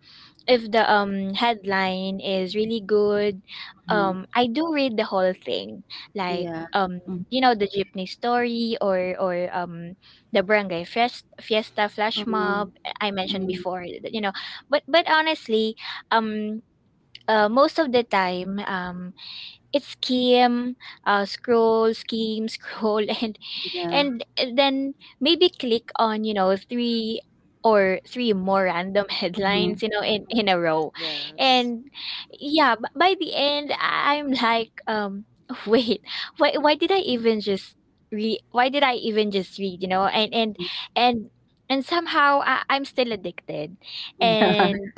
S3: if the um headline is really good,
S1: Mhm.
S3: um I do read the whole thing, like
S1: Yeah.
S3: um
S1: Mhm,
S3: you know the jeepney story, or or um the barangay fiesta, fiesta flash mob
S1: mhm,
S3: eh, I mentioned
S1: mhm.
S3: before, you know. But but honestly, um uh, most of the time, um it's skim, uh scroll, scheme, scroll, and
S1: Yeah.
S3: and eh, then maybe click on you know three or three more random
S1: Mhm,
S3: headlines, you know in in a row.
S2: Yes.
S3: And yeah, b- by the end I- I'm like, um wait, why why did I even just read why did i even just read, you know and and
S1: mhm.
S3: and and somehow I, i'm still addicted.
S1: Yeah.
S3: And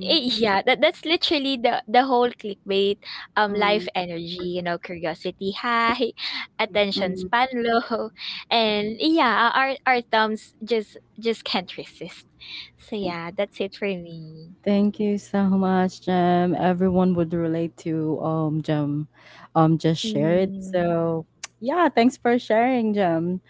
S1: Mhm,
S3: it, yeah, that, that's literally the the whole clickbait um life
S1: mhm,
S3: energy, you know curiosity high, attention
S1: mhm.
S3: span low. And yeah, our our thumbs just just can't resist. So
S1: Okay.
S3: yeah, that's it for me.
S1: Thank you so much, Jem. Everyone would relate to um Jem um just shared.
S3: Mm-hmm.
S1: So yeah, thanks for sharing, Jem.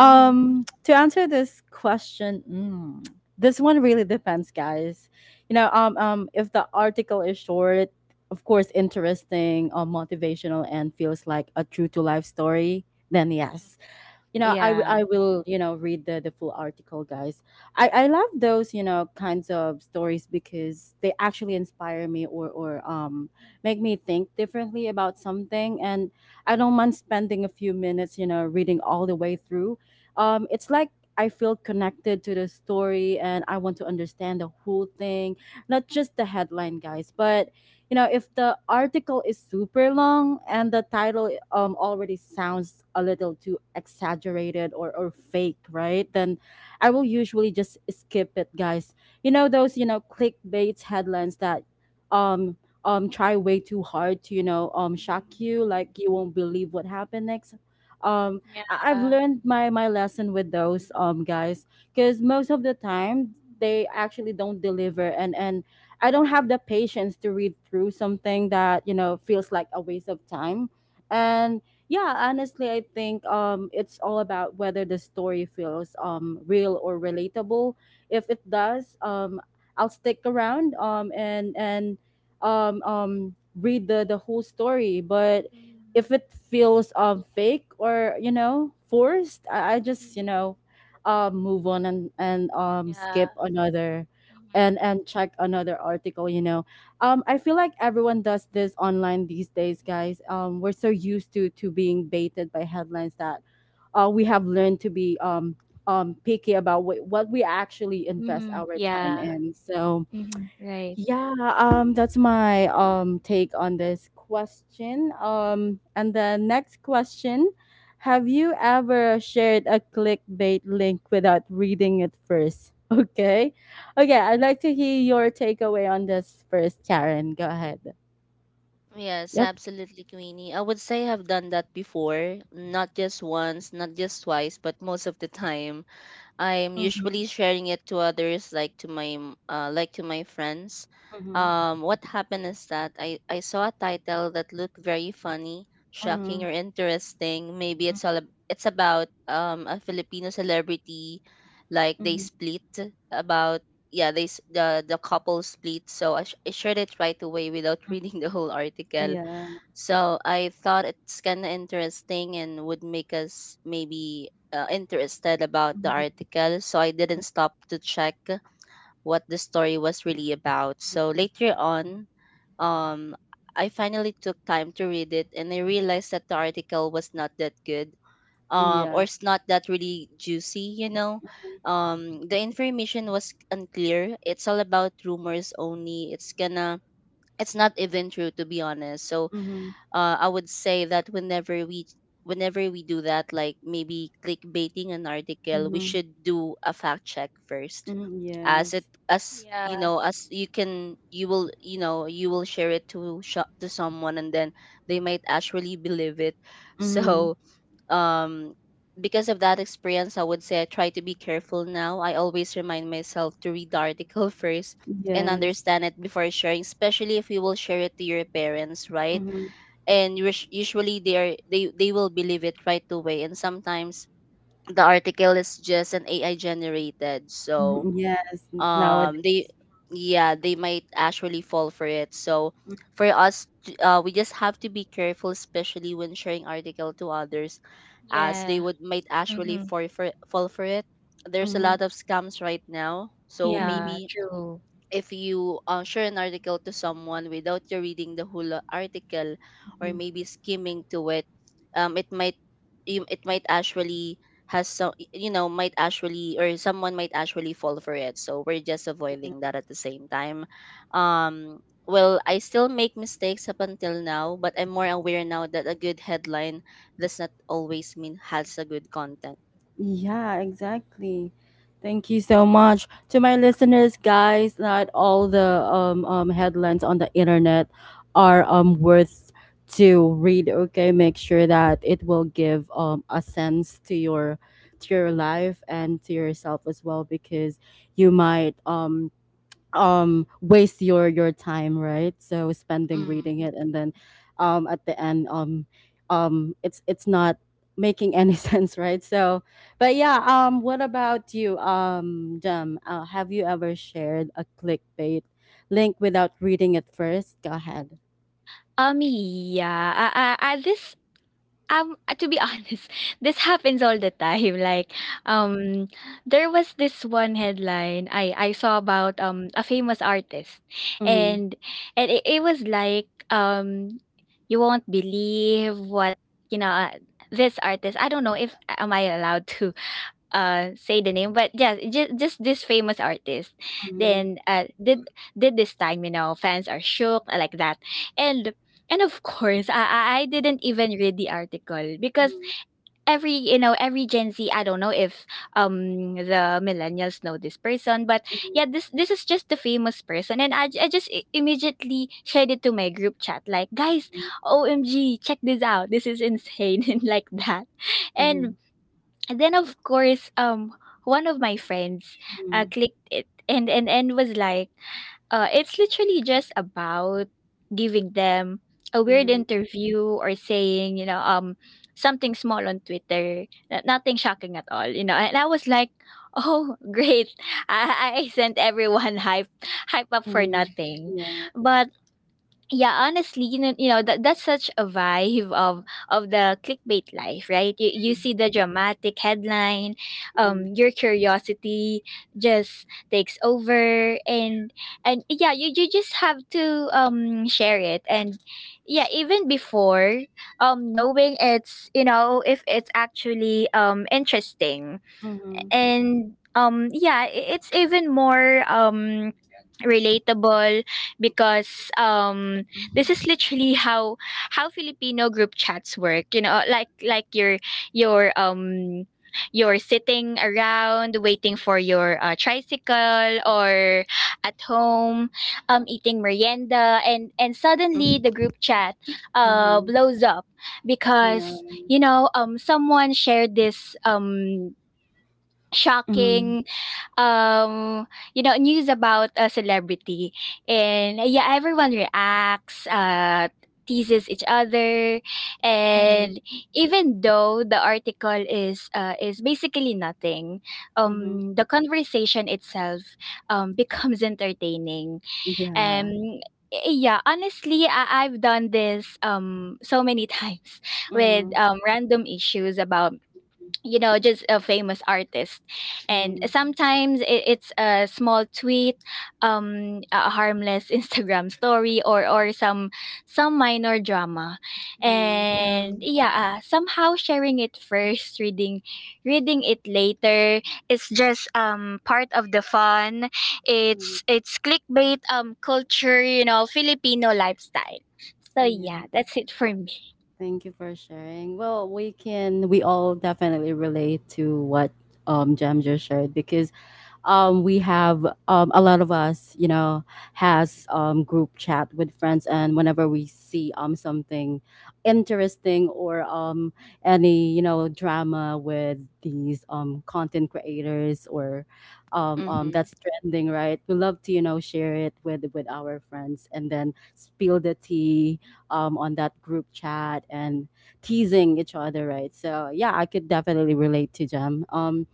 S3: Mm-hmm.
S1: To answer this question, mm, this one really depends, guys. You know, um, um, if the article is short, of course, interesting, um, motivational, and feels like a true to life story, then
S3: Uh,
S1: yes, you know i, w-
S3: Yeah.
S1: I will you know read the, the full article, guys. I, I love those you know kinds of stories because they actually inspire me or or um make me think differently about something, and I don't mind spending a few minutes you know reading all the way through. Um it's like I feel connected to the story and I want to understand the whole thing, not just the headline, guys. But you know if the article is super long and the title um, already sounds a little too exaggerated or, or fake, right, then I will usually just skip it, guys. You know those you know clickbait headlines that um um try way too hard to you know um shock you,
S3: Mm,
S1: like, "You won't believe what happened next." um I- i've
S3: yeah.
S1: learned my my lesson with those, um guys, because most of the time they actually don't deliver, and and I don't have the patience to read through something that you know feels like a waste of time. And yeah, honestly, I think um, it's all about whether the story feels um, real or relatable. If it does, um, I'll stick around, um, and and um, um, read the the whole story. But if
S3: Mm,
S1: it feels um, fake or you know forced, I, I just you
S3: mhm,
S1: know um, move on and and um,
S3: yeah.
S1: skip another
S3: Mhm.
S1: and and check another article. you know um I feel like everyone does this online these days, guys. Um we're so used to to being baited by headlines that uh we have learned to be um um picky about what what we actually invest
S3: Mm-hmm.
S1: our
S3: Yeah.
S1: time in.
S2: Mm.
S1: So
S3: Mm-hmm. Right.
S1: yeah, um, that's my um take on this question. Um, and the next question: have you ever shared a clickbait link without reading it first? Okay. Okay, I'd like to hear your takeaway on this first, Karen. Go ahead.
S2: Yes,
S1: Yep.
S2: absolutely, Queenie. I would say I've done that before, not just once, not just twice, but most of the time. I'm
S1: Mm-hmm.
S2: usually sharing it to others, like to my m- uh, like to my friends.
S1: Mm-hmm.
S2: Um, what happened is that I I saw a title that looked very funny, shocking,
S1: Mm-hmm.
S2: or interesting. Maybe it's all ab- it's about um a Filipino celebrity, like they
S1: Mm-hmm.
S2: split about. Yeah, they s- the the couple split. So I, sh- I shared it right away without reading the whole article.
S1: Yeah.
S2: So I thought it's kind of interesting and would make us maybe uh, interested about the
S1: Mm-hmm.
S2: article. So I didn't stop to check what the story was really about. So later on, um, I finally took time to read it, and I realized that the article was not that good, um,
S1: Yeah.
S2: or it's not that really juicy, you know. Um, the information was unclear. It's all about rumors only. It's gonna, it's not even true, to be honest. So
S1: Mm-hmm.
S2: uh, I would say that whenever we whenever we do that, like maybe clickbaiting an article, we
S1: Mm-hmm.
S2: should do a fact check first,
S1: Mm-hmm.
S2: as it
S1: Yes.
S2: as you
S3: Yeah.
S2: know as you can, you will you know you will share it to shop to someone, and then they might actually believe it.
S1: Mm-hmm.
S2: So um because of that experience, I would say I try to be careful now. I always remind myself to read the article first and
S1: Yes.
S2: understand it before sharing, especially if you will share it to your parents, right?
S1: Mm-hmm.
S2: And us- usually they are they they will believe it right away. And sometimes the article is just an ai generated, so
S1: Yes.
S2: um
S1: Nowadays.
S2: they yeah, they might actually fall for it. So for us t- uh, we just have to be careful, especially when sharing article to others, as they
S3: Yeah.
S2: would might actually
S3: Mm-hmm.
S2: fall for fall for it. There's a
S1: Mhm,
S2: lot of scams right now. So
S1: mhm,
S3: Yeah.
S2: maybe
S3: True.
S2: if you uh, share an article to someone without you reading the whole uh, article, or
S1: mhm.
S2: maybe skimming to it, um it might you- it might actually has some, you know might actually, or someone might actually fall for it. So we're just avoiding that at the same time. Um well, I still make mistakes up until now, but I'm more aware now that a good headline does not always mean has a good content.
S1: Yeah, exactly. Thank you so much to my listeners, guys. Not all the um, um, headlines on the internet are um, worth to read. Okay, make sure that it will give um, a sense to your to your life and to yourself as well, because you might um, um waste your your time, right? So spending
S2: Mm-hmm.
S1: reading it, and then um at the end, um um it's it's not making any sense, right? So but yeah, um what about you, um Jam, uh, have you ever shared a clickbait link without reading it first? Go ahead.
S3: Um. Yeah. I, I, I, this Um, uh, to be honest, this happens all the time. Like, um, there was this one headline I I saw about um a famous artist,
S1: Mm-hmm.
S3: and and it, it was like, um you won't believe what, you know uh, this artist. I don't know if am I allowed to uh say the name, but yeah, just, just this famous artist,
S1: Mm-hmm.
S3: then uh did did this time, you know fans are shook, uh, like that. And and of course, i i I didn't even read the article, because
S1: Mm-hmm.
S3: every you know every Gen Z, I don't know if um the millennials know this person, but yeah, this this is just the famous person, and i, I just i- immediately shared it to my group chat, like, guys, OMG, check this out, this is insane, and like that.
S1: Mm-hmm.
S3: And and then, of course, um, one of my friends uh,
S1: Mm-hmm.
S3: clicked it, and and and was like, uh, it's literally just about giving them a weird
S1: Mm-hmm.
S3: interview, or saying, you know, um, something small on Twitter, n- nothing shocking at all, you know. And I was like, oh, great! I, I I sent everyone hype hype up for
S1: Mm-hmm.
S3: nothing.
S1: Yeah.
S3: But yeah, honestly, you know, you know that that's such a vibe of of the clickbait life. Right, you, you see the dramatic headline,
S1: Mm-hmm.
S3: um your curiosity just takes over, and and yeah, you, you just have to um share it, and yeah, even before um knowing it's you know if it's actually um interesting.
S1: Mm-hmm.
S3: And um yeah, i- it's even more um relatable, because um this is literally how how Filipino group chats work. you know like like your your um you're sitting around waiting for your uh, tricycle, or at home um eating merienda, and and suddenly the
S2: Mm-hmm.
S3: group chat uh
S1: Mm-hmm.
S3: blows up,
S1: Yeah.
S3: because you know um someone shared this um
S1: Mm-hmm.
S3: Shocking, um, you know, news about a celebrity, and uh, yeah, everyone reacts, uh, teases each other, and even though the article is, uh, is basically nothing,
S1: Hmm.
S3: um, the conversation itself, um, becomes entertaining. Um,
S1: Yeah.
S3: yeah, honestly, I- I've done this um so many times with
S1: Mm.
S3: um random issues about, you know just a famous artist, and
S1: Mm.
S3: sometimes it, it's a small tweet, um a harmless Instagram story, or or some some minor drama,
S1: Mm.
S2: Mm-hmm.
S3: and
S2: Yeah.
S3: yeah, uh, somehow, sharing it first, reading reading it later, it's just um part of the fun.
S1: Mm.
S3: It's it's clickbait um culture, you know Filipino lifestyle. So
S1: Yeah.
S3: yeah, that's it for me.
S1: Thank you for sharing. Well, we can we all definitely relate to what um Jam just shared, because um, we have, um, a lot of us, you know, has um, group chat with friends, and whenever we see um, something interesting or um, any you know drama with these um, content creators or um, um,
S2: Mm-hmm.
S1: that's trending, right? We love to you know share it with with our friends, and then spill the tea um, on that group chat and teasing each other, right? So yeah, I could definitely relate to Jem. Um,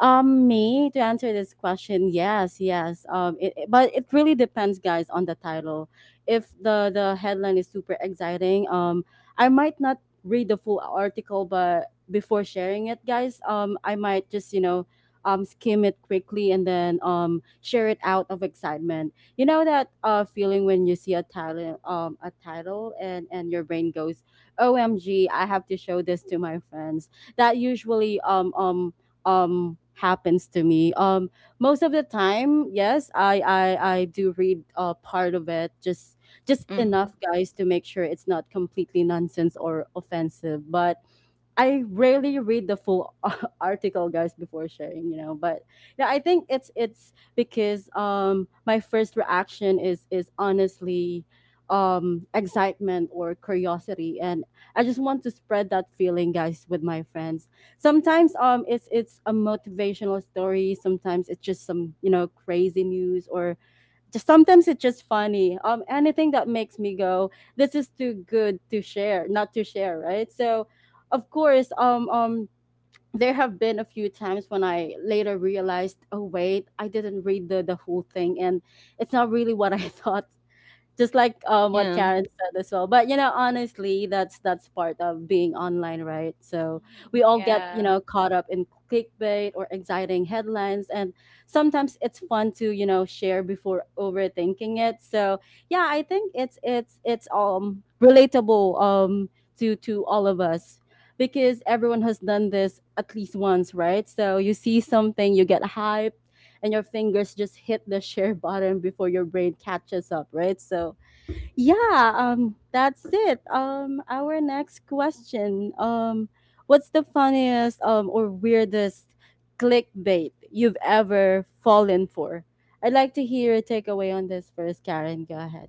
S1: um, Me, to answer this question, yes, yes. Um, it, it- but it really depends, guys, on the title. If the the headline is super exciting, um, I might not read the full article, but before sharing it, guys, um, I might just you know, um, skim it quickly and then um share it out of excitement. You know that uh feeling when you see a title, um, a title, and and your brain goes, "O M G, I have to show this to my friends." That usually um um um happens to me um most of the time. Yes, i i i do read uh part of it, just just
S2: Mm-hmm.
S1: enough, guys, to make sure it's not completely nonsense or offensive, but I rarely read the full article, guys, before sharing. You know, but yeah, I think it's it's because um, my first reaction is is honestly um, excitement or curiosity, and I just want to spread that feeling, guys, with my friends. Sometimes um, it's it's a motivational story. Sometimes it's just some, you know, crazy news, or just sometimes it's just funny. Um, anything that makes me go, this is too good to share, not to share, right? So, of course, um, um, there have been a few times when I later realized, oh wait, I didn't read the the whole thing, and it's not really what I thought, just like um
S2: Yeah.
S1: what Karen said as well. But you know, honestly, that's that's part of being online, right? So
S3: Mhm.
S1: we all get, you
S3: Yeah.
S1: know, caught up in clickbait or exciting headlines, and sometimes it's fun to, you know, share before overthinking it. So yeah, I think it's it's it's um relatable um to to all of us, because everyone has done this at least once, right? So you see something, you get hyped, and your fingers just hit the share button before your brain catches up, right? So yeah, um, that's it. Um, our next question. Um, what's the funniest um, or weirdest clickbait you've ever fallen for? I'd like to hear your takeaway on this first, Karen. Go ahead.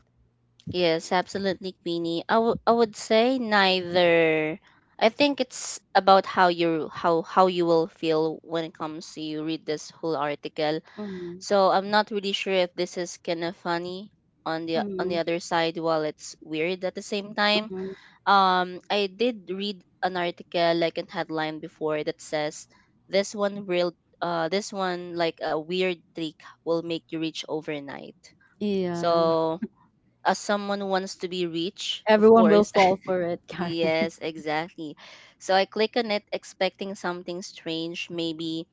S2: Yes, absolutely, Queenie. I wou- I would say neither. I think it's about how you how how you will feel when it comes to you read this whole article.
S1: Mm-hmm.
S2: So I'm not really sure if this is kind of funny on the on
S1: Mm-hmm.
S2: the other side, while it's weird at the same time.
S1: Hmm.
S2: Um, I did read an article like a headline before that says this one real uh this one like a weird trick will make you rich overnight.
S1: Yeah,
S2: So, as someone who wants to be rich, of
S1: everyone will
S2: course.
S1: fall for it, Karen.
S2: Yes, exactly. So I click on it expecting something strange, maybe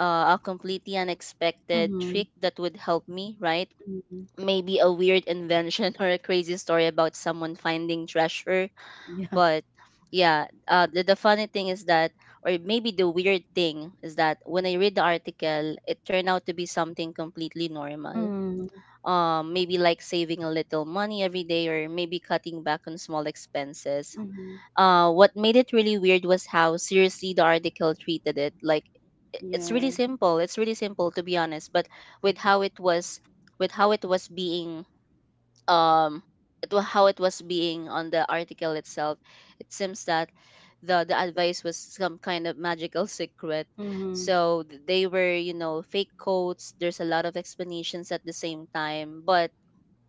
S2: uh, a completely unexpected
S1: Mm-hmm.
S2: trick that would help me, right?
S1: Mm-hmm.
S2: Maybe a weird invention or a crazy story about someone finding treasure.
S1: Yeah.
S2: But yeah, uh, the, the funny thing is that, or maybe the weird thing is that when I read the article, it turned out to be something completely normal,
S1: Mm-hmm.
S2: um, maybe like saving a little money every day, or maybe cutting back on small expenses.
S1: Mm-hmm.
S2: Uh, what made it really weird was how seriously the article treated it. Like it's really
S1: Yeah.
S2: simple. It's really simple, to be honest, but with how it was with how it was being, um it, wa- how it was being on the article itself, it seems that the the advice was some kind of magical secret.
S1: Mm-hmm.
S2: So th- they were, you know, fake quotes. There's a lot of explanations at the same time, but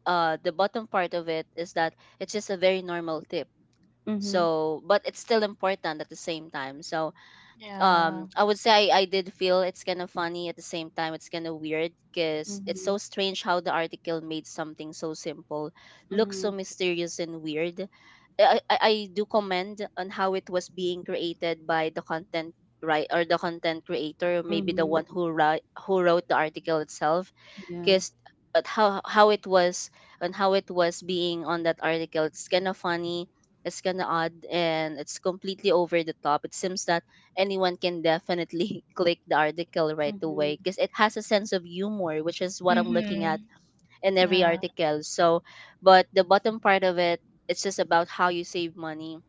S2: uh the bottom part of it is that it's just a very normal tip.
S1: Mm-hmm.
S2: So but it's still important at the same time. So um I would say i, I did feel it's kind of funny. At the same time, it's kind of weird, because it's
S1: Mm-hmm.
S2: so strange how the article made something so simple look so
S1: Mm-hmm.
S2: mysterious and weird. I, I I do commend on how it was being created by the content, right, or the content creator, maybe the
S1: Mm-hmm.
S2: one who write, who wrote the article itself,
S1: Yeah.
S2: guessed at how how it was and how it was being on that article. It's kind of funny, it's kind of odd, and it's completely over the top. It seems that anyone can definitely click the article right
S1: Mm-hmm.
S2: away because it has a sense of humor, which is what I'm looking at
S3: Mm-hmm.
S2: in every article. So, but the bottom part of it, it's just about how you save money,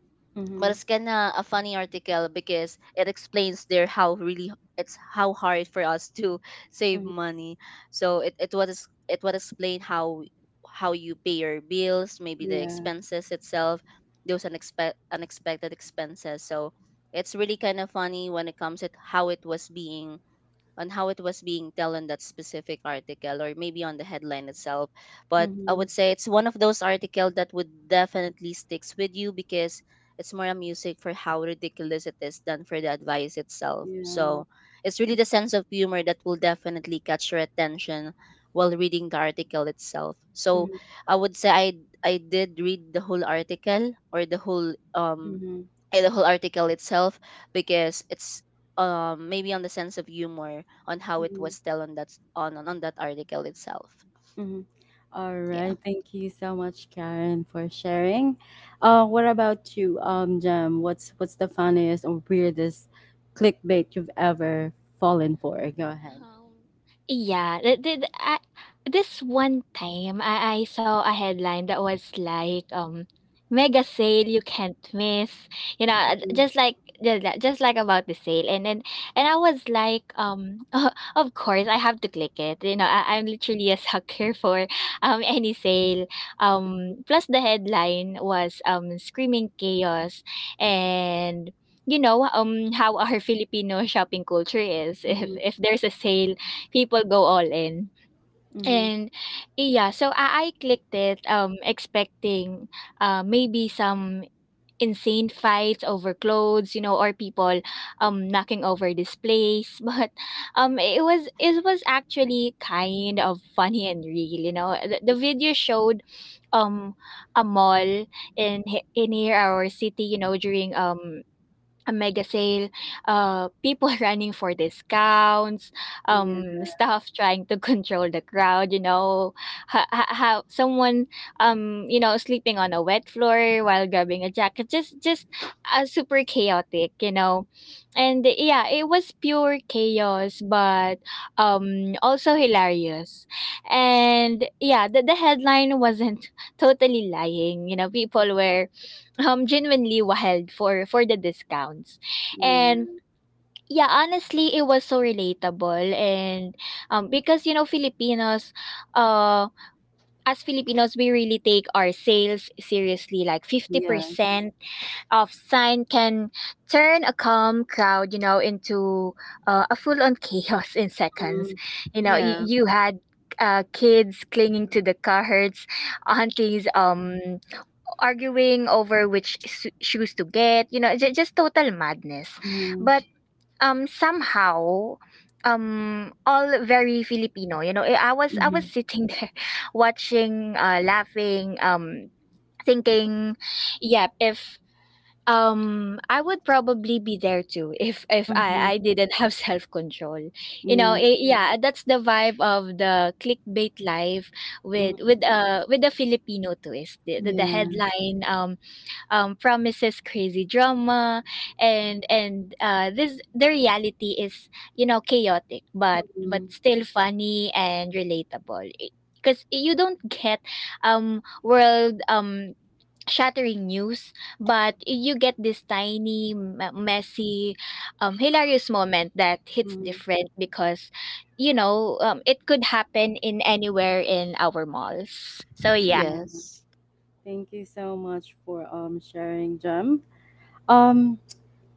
S2: but
S1: Mm-hmm.
S2: it's kind of a funny article because it explains there how really it's how hard for us to save
S1: Mm-hmm.
S2: money. So it, it was it would explain how how you pay your bills, maybe the
S1: Yeah.
S2: expenses itself, those unexpected unexpected expenses. So it's really kind of funny when it comes to how it was being on how it was being told in that specific article, or maybe on the headline itself. But I would
S1: Mhm.
S2: say it's one of those articles that would definitely sticks with you, because it's more a music for how ridiculous it is than for the advice itself.
S1: Yeah.
S2: So it's really the sense of humor that will definitely catch your attention while reading the article itself. So
S1: Mhm.
S2: I would say i I did read the whole article, or the whole um
S1: Mhm.
S2: eh, the whole article itself, because it's um maybe on the sense of humor, on how it
S1: Mhm.
S2: was still on that s- on on on that article itself.
S1: Mhm. All
S2: Yeah.
S1: right. Thank you so much, Karen, for sharing. Uh, what about you, um, Jem? What's what's the funniest or weirdest clickbait you've ever fallen for? Go ahead.
S3: Um, yeah, th- th- I, this one time I, I saw a headline that was like, um mega sale you can't miss. You know, uh,
S1: Mhm.
S3: just like ju- ju- just like about the sale, and then and I was like, um of course I have to click it. You know, I, I'm literally a sucker for um any sale. Um plus, the headline was um screaming chaos, and you know, um, how our Filipino shopping culture is. If
S1: Mhm.
S3: if there's a sale, people go all in.
S1: Mhm.
S3: And yeah, so I, I clicked it, um, expecting uh maybe some insane fights over clothes, you know, or people um knocking over displays. But um it was, it was actually kind of funny and real, you know. The, the video showed um a mall in he- in here our city, you know, during um a mega sale, uh, people running for discounts,
S1: Yeah.
S3: um, staff trying to control the crowd, you know, ha- ha- how someone, um, you know, sleeping on a wet floor while grabbing a jacket, just, just uh, super chaotic, you know, and yeah, it was pure chaos, but um, also hilarious, and yeah, the, the headline wasn't totally lying, you know, people were um genuinely wild for for the discounts.
S1: Yeah.
S3: And yeah, honestly, it was so relatable, and um because you know filipinos uh as Filipinos, we really take our sales seriously. Like,
S1: Yes.
S3: fifty percent of sign can turn a calm crowd, you know into uh, a full on chaos in seconds.
S1: Mhm.
S3: you know you,
S2: Yeah.
S3: you had uh, kids clinging to the carts, aunties um arguing over which su- shoes to get, you know j- just total madness.
S1: Mhm.
S3: But um somehow, um all very Filipino, you know eh, i was i was
S1: Mhm.
S3: sitting there watching, uh laughing, um thinking, yeah, if um I would probably be there too, if if
S1: Mhm.
S3: i i didn't have self control. You know
S1: Yeah.
S3: eh, yeah, that's the vibe of the clickbait life, with
S1: Mhm.
S3: with uh with the Filipino twist. The, the, the
S1: Yeah.
S3: headline um um, promises crazy drama, and and uh, this the reality is, you know chaotic but but
S1: Mhm.
S3: still funny and relatable, because you don't get um world, um shattering news, but you get this tiny, m- messy, um hilarious moment that hits
S1: Mhm.
S3: different, because you know um, it could happen in anywhere in our malls. So yeah.
S1: Yeah.
S2: Yes.
S1: Thank you so much for um sharing, Jem. Um,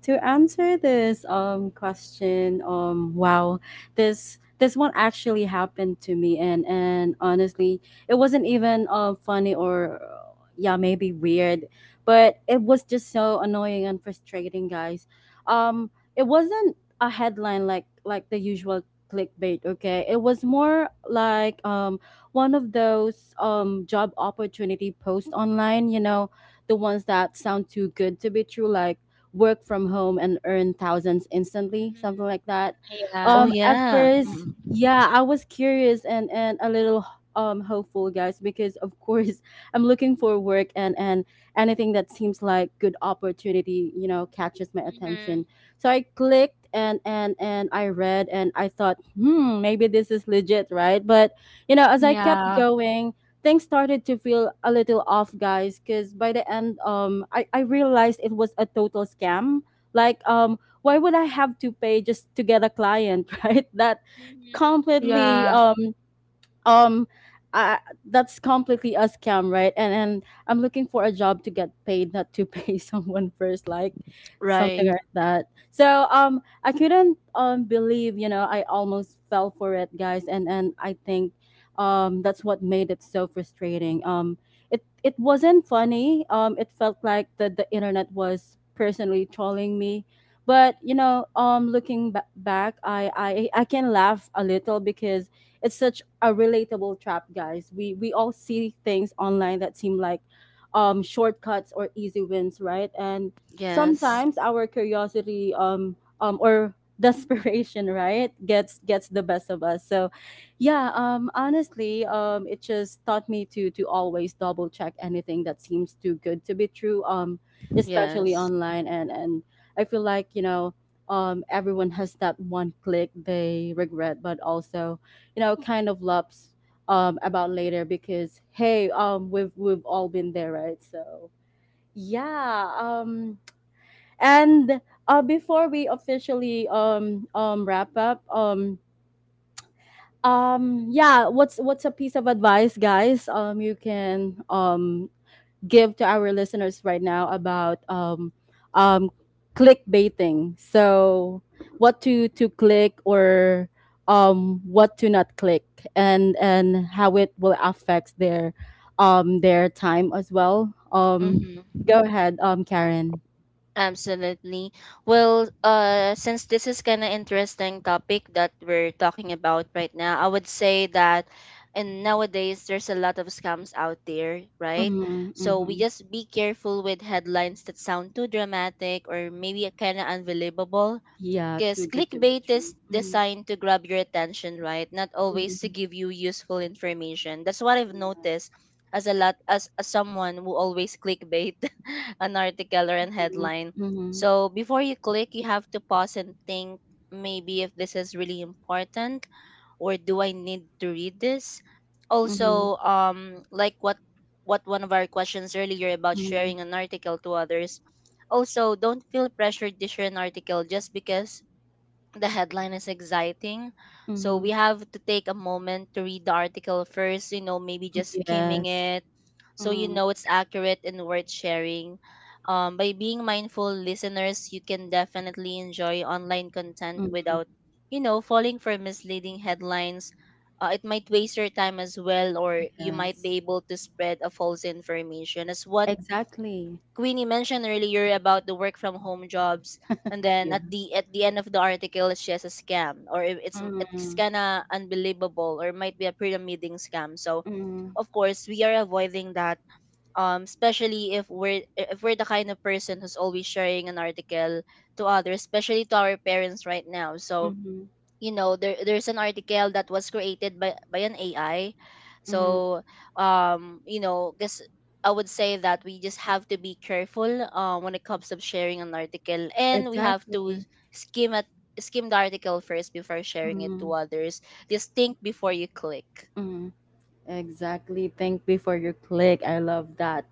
S1: to answer this um question, um, wow, this this one actually happened to me, and and honestly, it wasn't even um funny or uh, yeah, maybe weird, but it was just so annoying and frustrating, guys. Um, it wasn't a headline like like the usual clickbait. Okay, it was more like um one of those um job opportunity posts online. You know, the ones that sound too good to be true, like work from home and earn thousands instantly,
S3: Hmm.
S1: something like that.
S2: Oh
S3: Yeah.
S1: Um, at
S2: yeah.
S1: first,
S2: Mm.
S1: yeah, I was curious and and a little um hopeful, guys, because of course I'm looking for work, and and anything that seems like good opportunity, you know, catches my
S3: Mm-hmm.
S1: attention. So I clicked and and and I read, and I thought, hmm, maybe this is legit, right? But you know, as I kept
S3: Yeah.
S1: going, things started to feel a little off, guys, because by the end um I, I realized it was a total scam. Like, um why would I have to pay just to get a client right? that
S3: Mhm.
S1: completely
S3: Yeah.
S1: um um I, that's completely a scam, right? and and I'm looking for a job to get paid, not to pay someone first, like something
S2: Right.
S1: like that. So um I couldn't um believe, you know, I almost fell for it, guys, and and I think um that's what made it so frustrating. Um it it wasn't funny. Um it felt like the the internet was personally trolling me. But you know, um looking ba- back, I, I I can laugh a little because it's such a relatable trap, guys. We we all see things online that seem like um, shortcuts or easy wins, right? And
S2: Yes.
S1: sometimes our curiosity, um, um, or desperation, right, gets gets the best of us. So, yeah, um, honestly, um, it just taught me to to always double check anything that seems too good to be true, um, especially
S2: Yes.
S1: online. And and I feel like, you know. Um, everyone has that one click they regret, but also, you know, kind of loves um about later because, hey, um we've we've all been there, right? So yeah, um and uh before we officially um um wrap up, um um yeah, what's what's a piece of advice, guys, um you can um give to our listeners right now about um, um, clickbaiting. So, what to to click, or um, what to not click, and and how it will affect their um, their time as well. Um,
S2: Mm-hmm.
S1: go ahead, um, Karen.
S2: Absolutely. Well, uh, since this is kind of interesting topic that we're talking about right now, I would say that and nowadays there's a lot of scams out there, right?
S1: Mm-hmm,
S2: So we
S1: mm-hmm.
S2: just be careful with headlines that sound too dramatic or maybe kind of unbelievable,
S1: Yeah, too
S2: because
S1: good to be
S2: clickbait is
S1: true. Mm-hmm,
S2: designed to grab your attention, right, not always to
S1: mm-hmm.
S2: give you useful information. That's what I've
S1: Yeah.
S2: noticed. As a lot as, as someone who always clickbait an article or an headline,
S1: Mm-hmm,
S2: so before you click, you have to pause and think, maybe if this is really important, or do I need to read this.
S1: mm-hmm,
S2: Also, um like what what one of our questions earlier about
S1: mm-hmm,
S2: sharing an article to others. Also, don't feel pressured to share an article just because the headline is exciting. So
S1: mm-hmm.
S2: we have to take a moment to read the article first, you know, maybe just skimming
S1: Yes.
S2: it, so you know it's accurate and worth sharing. Um, by being mindful listeners, you can definitely enjoy online content
S1: Mm-hmm.
S2: without, you know, falling for misleading headlines. Uh, it might waste your time as well, or you might
S1: Yes.
S2: be able to spread a false information, as what
S1: Exactly.
S2: Queenie mentioned earlier about the work from home jobs, and then
S1: Yeah.
S2: at the at the end of the article, it's just a scam, or it- it's it's
S1: Mm,
S2: kinda unbelievable, or might be a pyramiding scam. So,
S1: mm,
S2: of course, we are avoiding that. Um, especially if we're if we're the kind of person who's always sharing an article to others, especially to our parents right now. So,
S1: mhm,
S2: you know there there's an article that was created by by an A I,
S1: mhm.
S2: so um you know guess I would say that we just have to be careful uh, when it comes to sharing an article, and we have to
S1: Exactly.
S2: skim at skim the article first before sharing it to
S1: Mm,
S2: others. Just think before you click.
S1: mm. Exactly. Think before you click. I love that.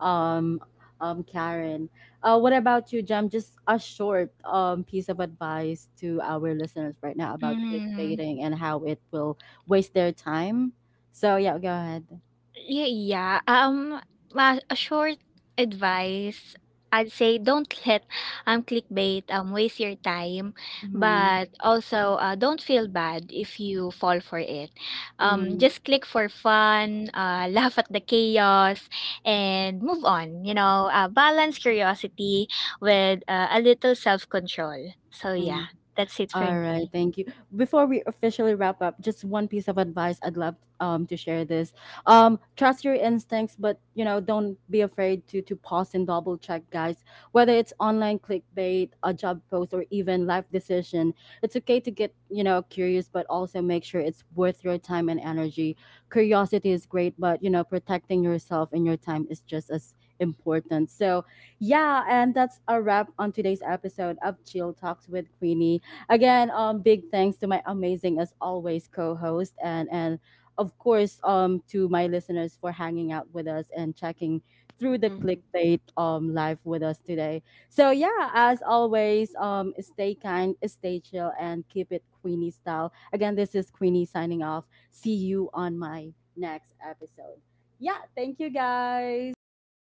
S1: Um, um, Karen. Uh, what about you, Jam? Just a short um piece of advice to our listeners right now about
S3: Mhm.
S1: clickbaiting and how it will waste their time. So yeah, go ahead.
S3: Yeah, yeah. Um, a a short advice, I'd say, don't let um clickbait um waste your time,
S1: Mm-hmm,
S3: but also, uh, don't feel bad if you fall for it. Um,
S1: mm-hmm.
S3: just click for fun, uh, laugh at the chaos, and move on. You know, uh, balance curiosity with uh, a little self control. So yeah, that's it for
S1: All right,
S3: me.
S1: thank you. Before we officially wrap up, just one piece of advice I'd love um, to share this. Um, trust your instincts, but you know, don't be afraid to to pause and double check, guys. Whether it's online clickbait, a job post, or even life decision, it's okay to get, you know, curious, but also make sure it's worth your time and energy. Curiosity is great, but you know, protecting yourself and your time is just as important. So, yeah, and that's a wrap on today's episode of Chill Talks with Queenie. Again, um, big thanks to my amazing, as always, co-host and and of course, um, to my listeners for hanging out with us and checking through the
S2: Hmm.
S1: clickbait um live with us today. So yeah, as always, um, stay kind, stay chill, and keep it Queenie style. Again, this is Queenie signing off. See you on my next episode. Yeah, thank you, guys.
S2: Thank